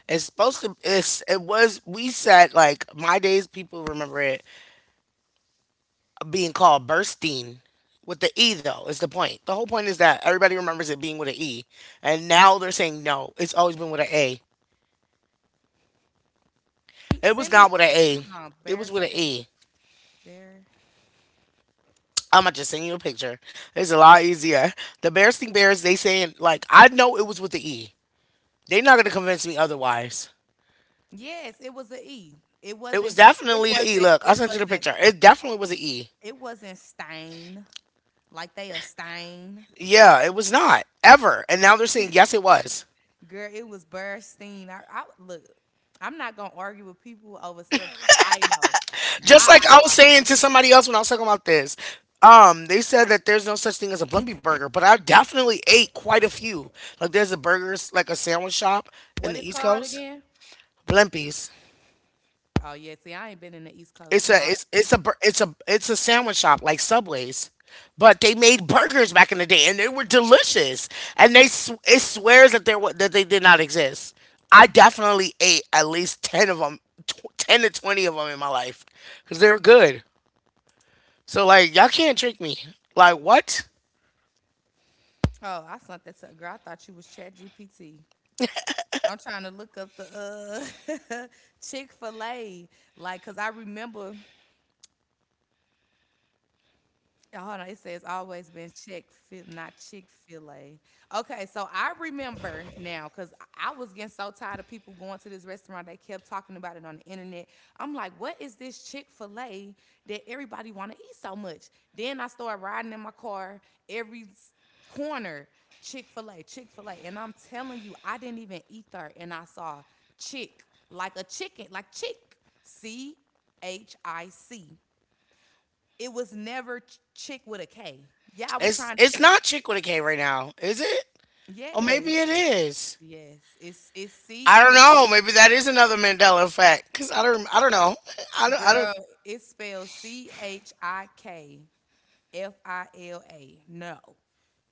Speaker 2: It's supposed to. It's. It was. We said like my days. People remember it being called bursting with the E though is the point. The whole point is that everybody remembers it being with an E, and now they're saying no, it's always been with an A. It was
Speaker 1: send me
Speaker 2: not with an A, it was
Speaker 1: Bear
Speaker 2: with an
Speaker 1: Steen.
Speaker 2: E.
Speaker 1: Bear
Speaker 2: I'm gonna just send you a picture. It's a lot easier. The Bearsting Bears, they saying like I know it was with the E. They're not gonna convince me otherwise.
Speaker 1: Yes, it was a E. It
Speaker 2: It was
Speaker 1: wasn't. It
Speaker 2: definitely an E.
Speaker 1: wasn't.
Speaker 2: Look, I
Speaker 1: It
Speaker 2: sent you the
Speaker 1: wasn't.
Speaker 2: picture. It definitely was an E.
Speaker 1: It wasn't stain like they a stain.
Speaker 2: Yeah, it was not ever. And now they're saying yes, it was.
Speaker 1: Girl, it was Burstein. I look. I'm not gonna argue with people over stuff that I know.
Speaker 2: Just
Speaker 1: My
Speaker 2: like I was
Speaker 1: eyeballs
Speaker 2: saying
Speaker 1: are.
Speaker 2: to somebody else when I was talking about this, they said that there's no such thing as a Blimpie burger, but I definitely ate quite a few. Like there's a burgers like a sandwich shop in
Speaker 1: What
Speaker 2: the
Speaker 1: it's
Speaker 2: East
Speaker 1: called
Speaker 2: Coast,
Speaker 1: again?
Speaker 2: Blimpies.
Speaker 1: Oh yeah. See, I ain't been in the East Coast. You know. I,
Speaker 2: It's a sandwich shop like Subway's, but they made burgers back in the day and they were delicious. And it swears that they did not exist. I definitely ate at least ten of them, 10 to 20 of them in my life because they were good. So like y'all can't trick me. Like what?
Speaker 1: oh, I sent that to a girl. I thought you was Chat GPT. I'm trying to look up the uh <laughs> Chick Fil A, like, cause I remember. Yeah, hold on, it says always been Chick fil not Chick fil A. Okay, so I remember now because I was getting so tired of people going to this restaurant. They kept talking about it on the internet. I'm like, what is this Chick fil A that everybody want to eat so much? Then I started riding in my car every s- corner Chick fil A. And I'm telling you, I didn't even eat there and I saw Chick, like a chicken, like Chick, C-H-I-C. It was never ch chick with a K. Yeah, I was
Speaker 2: It's
Speaker 1: trying to
Speaker 2: it's not chick with a K right now, is it? Oh, maybe
Speaker 1: yes,
Speaker 2: it is.
Speaker 1: yes. It's
Speaker 2: I don't
Speaker 1: C-H
Speaker 2: know. Maybe that is another Mandela effect. Cause I don't know. I don't I don't
Speaker 1: girl, it's spelled C-H-I-K-F-I-L-A. No.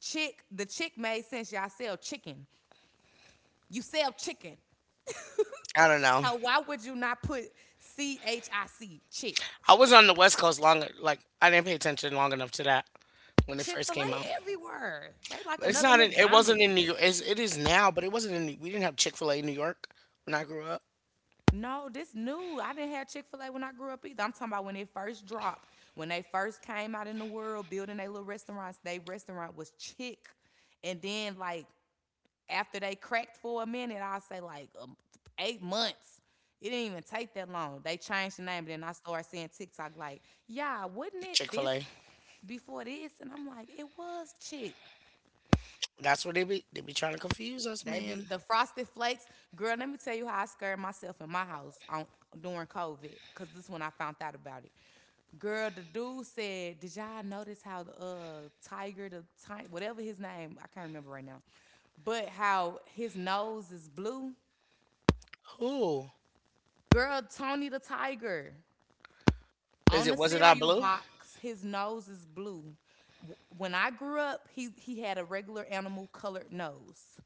Speaker 1: Chick, the chick made sense. Y'all sell chicken. You sell chicken.
Speaker 2: I don't know.
Speaker 1: So why would you not put C-H-I-C, chick?
Speaker 2: I was on the West Coast longer. Like I didn't pay attention long enough to that when it first came
Speaker 1: Chick-fil-A
Speaker 2: out.
Speaker 1: everywhere. They like
Speaker 2: It's
Speaker 1: another
Speaker 2: not. It
Speaker 1: McDonald's.
Speaker 2: wasn't in New York. It is now, but it wasn't in. We didn't have Chick Fil A in New York when I grew up.
Speaker 1: No, this new. I didn't have Chick Fil A when I grew up either. I'm talking about when it first dropped, when they first came out in the world, building their little restaurants. Their restaurant was Chick, and then like after they cracked for a minute, I say like 8 months. It didn't even take that long. They changed the name, and then I started seeing TikTok like, yeah, wouldn't it
Speaker 2: Chick Fil A.
Speaker 1: this before this? And I'm like, it was Chick.
Speaker 2: That's what they be. They be trying to confuse us,
Speaker 1: They be
Speaker 2: man.
Speaker 1: the frosted flakes, girl. Let me tell you how I scared myself in my house on during COVID, cause this is when I found out about it. Girl, the dude said, "Did y'all notice how the tiger, the ti- whatever his name, I can't remember right now, but how his nose is blue?"
Speaker 2: Who
Speaker 1: Girl, Tony the tiger
Speaker 2: is
Speaker 1: on
Speaker 2: it?
Speaker 1: the
Speaker 2: Was it not
Speaker 1: cereal
Speaker 2: blue?
Speaker 1: box, his nose is blue. W- When I grew up, he had a regular animal colored nose.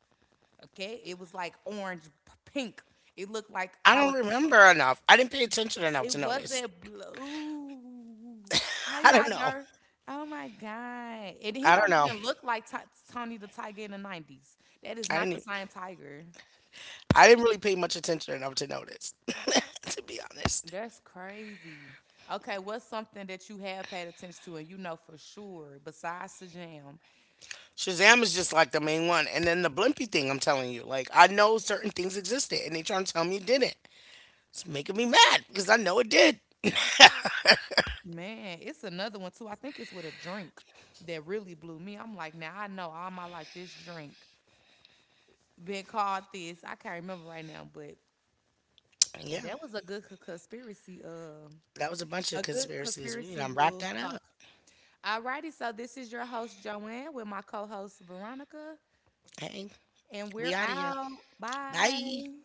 Speaker 1: Okay, it was like orange, p- pink. It looked like
Speaker 2: I don't
Speaker 1: how it,
Speaker 2: remember enough. I didn't pay attention enough to
Speaker 1: it
Speaker 2: notice.
Speaker 1: wasn't blue.
Speaker 2: <laughs>
Speaker 1: How
Speaker 2: I don't
Speaker 1: y'all
Speaker 2: know.
Speaker 1: know? Oh my God. And
Speaker 2: I
Speaker 1: he
Speaker 2: don't
Speaker 1: don't
Speaker 2: know.
Speaker 1: even look like Ti- Tony the Tiger in the 90s. That is
Speaker 2: I didn't.
Speaker 1: not the
Speaker 2: Even,
Speaker 1: same tiger.
Speaker 2: I didn't really pay much attention enough to notice, <laughs> to be honest.
Speaker 1: That's crazy. Okay, what's something that you have paid attention to and you know for sure besides the jam?
Speaker 2: Shazam is just like the main one, and then the Blimpie thing. I'm telling you, like I know certain things existed, and they trying to tell me it didn't. It's making me mad because I know it did. <laughs>
Speaker 1: Man, it's another one too. I think it's with a drink that really blew me. I'm like, now I know all my life this drink been called this. I can't remember right now, but
Speaker 2: Yeah,
Speaker 1: that was a good co- conspiracy.
Speaker 2: that was a bunch of
Speaker 1: A good
Speaker 2: conspiracies. We need
Speaker 1: conspiracy
Speaker 2: to wrap
Speaker 1: little
Speaker 2: that
Speaker 1: talk.
Speaker 2: up.
Speaker 1: Alrighty, so this is your host Joanne with my co-host Veronica,
Speaker 2: Hey,
Speaker 1: and
Speaker 2: we
Speaker 1: we're
Speaker 2: out of here.
Speaker 1: out.
Speaker 2: Bye.
Speaker 1: Bye.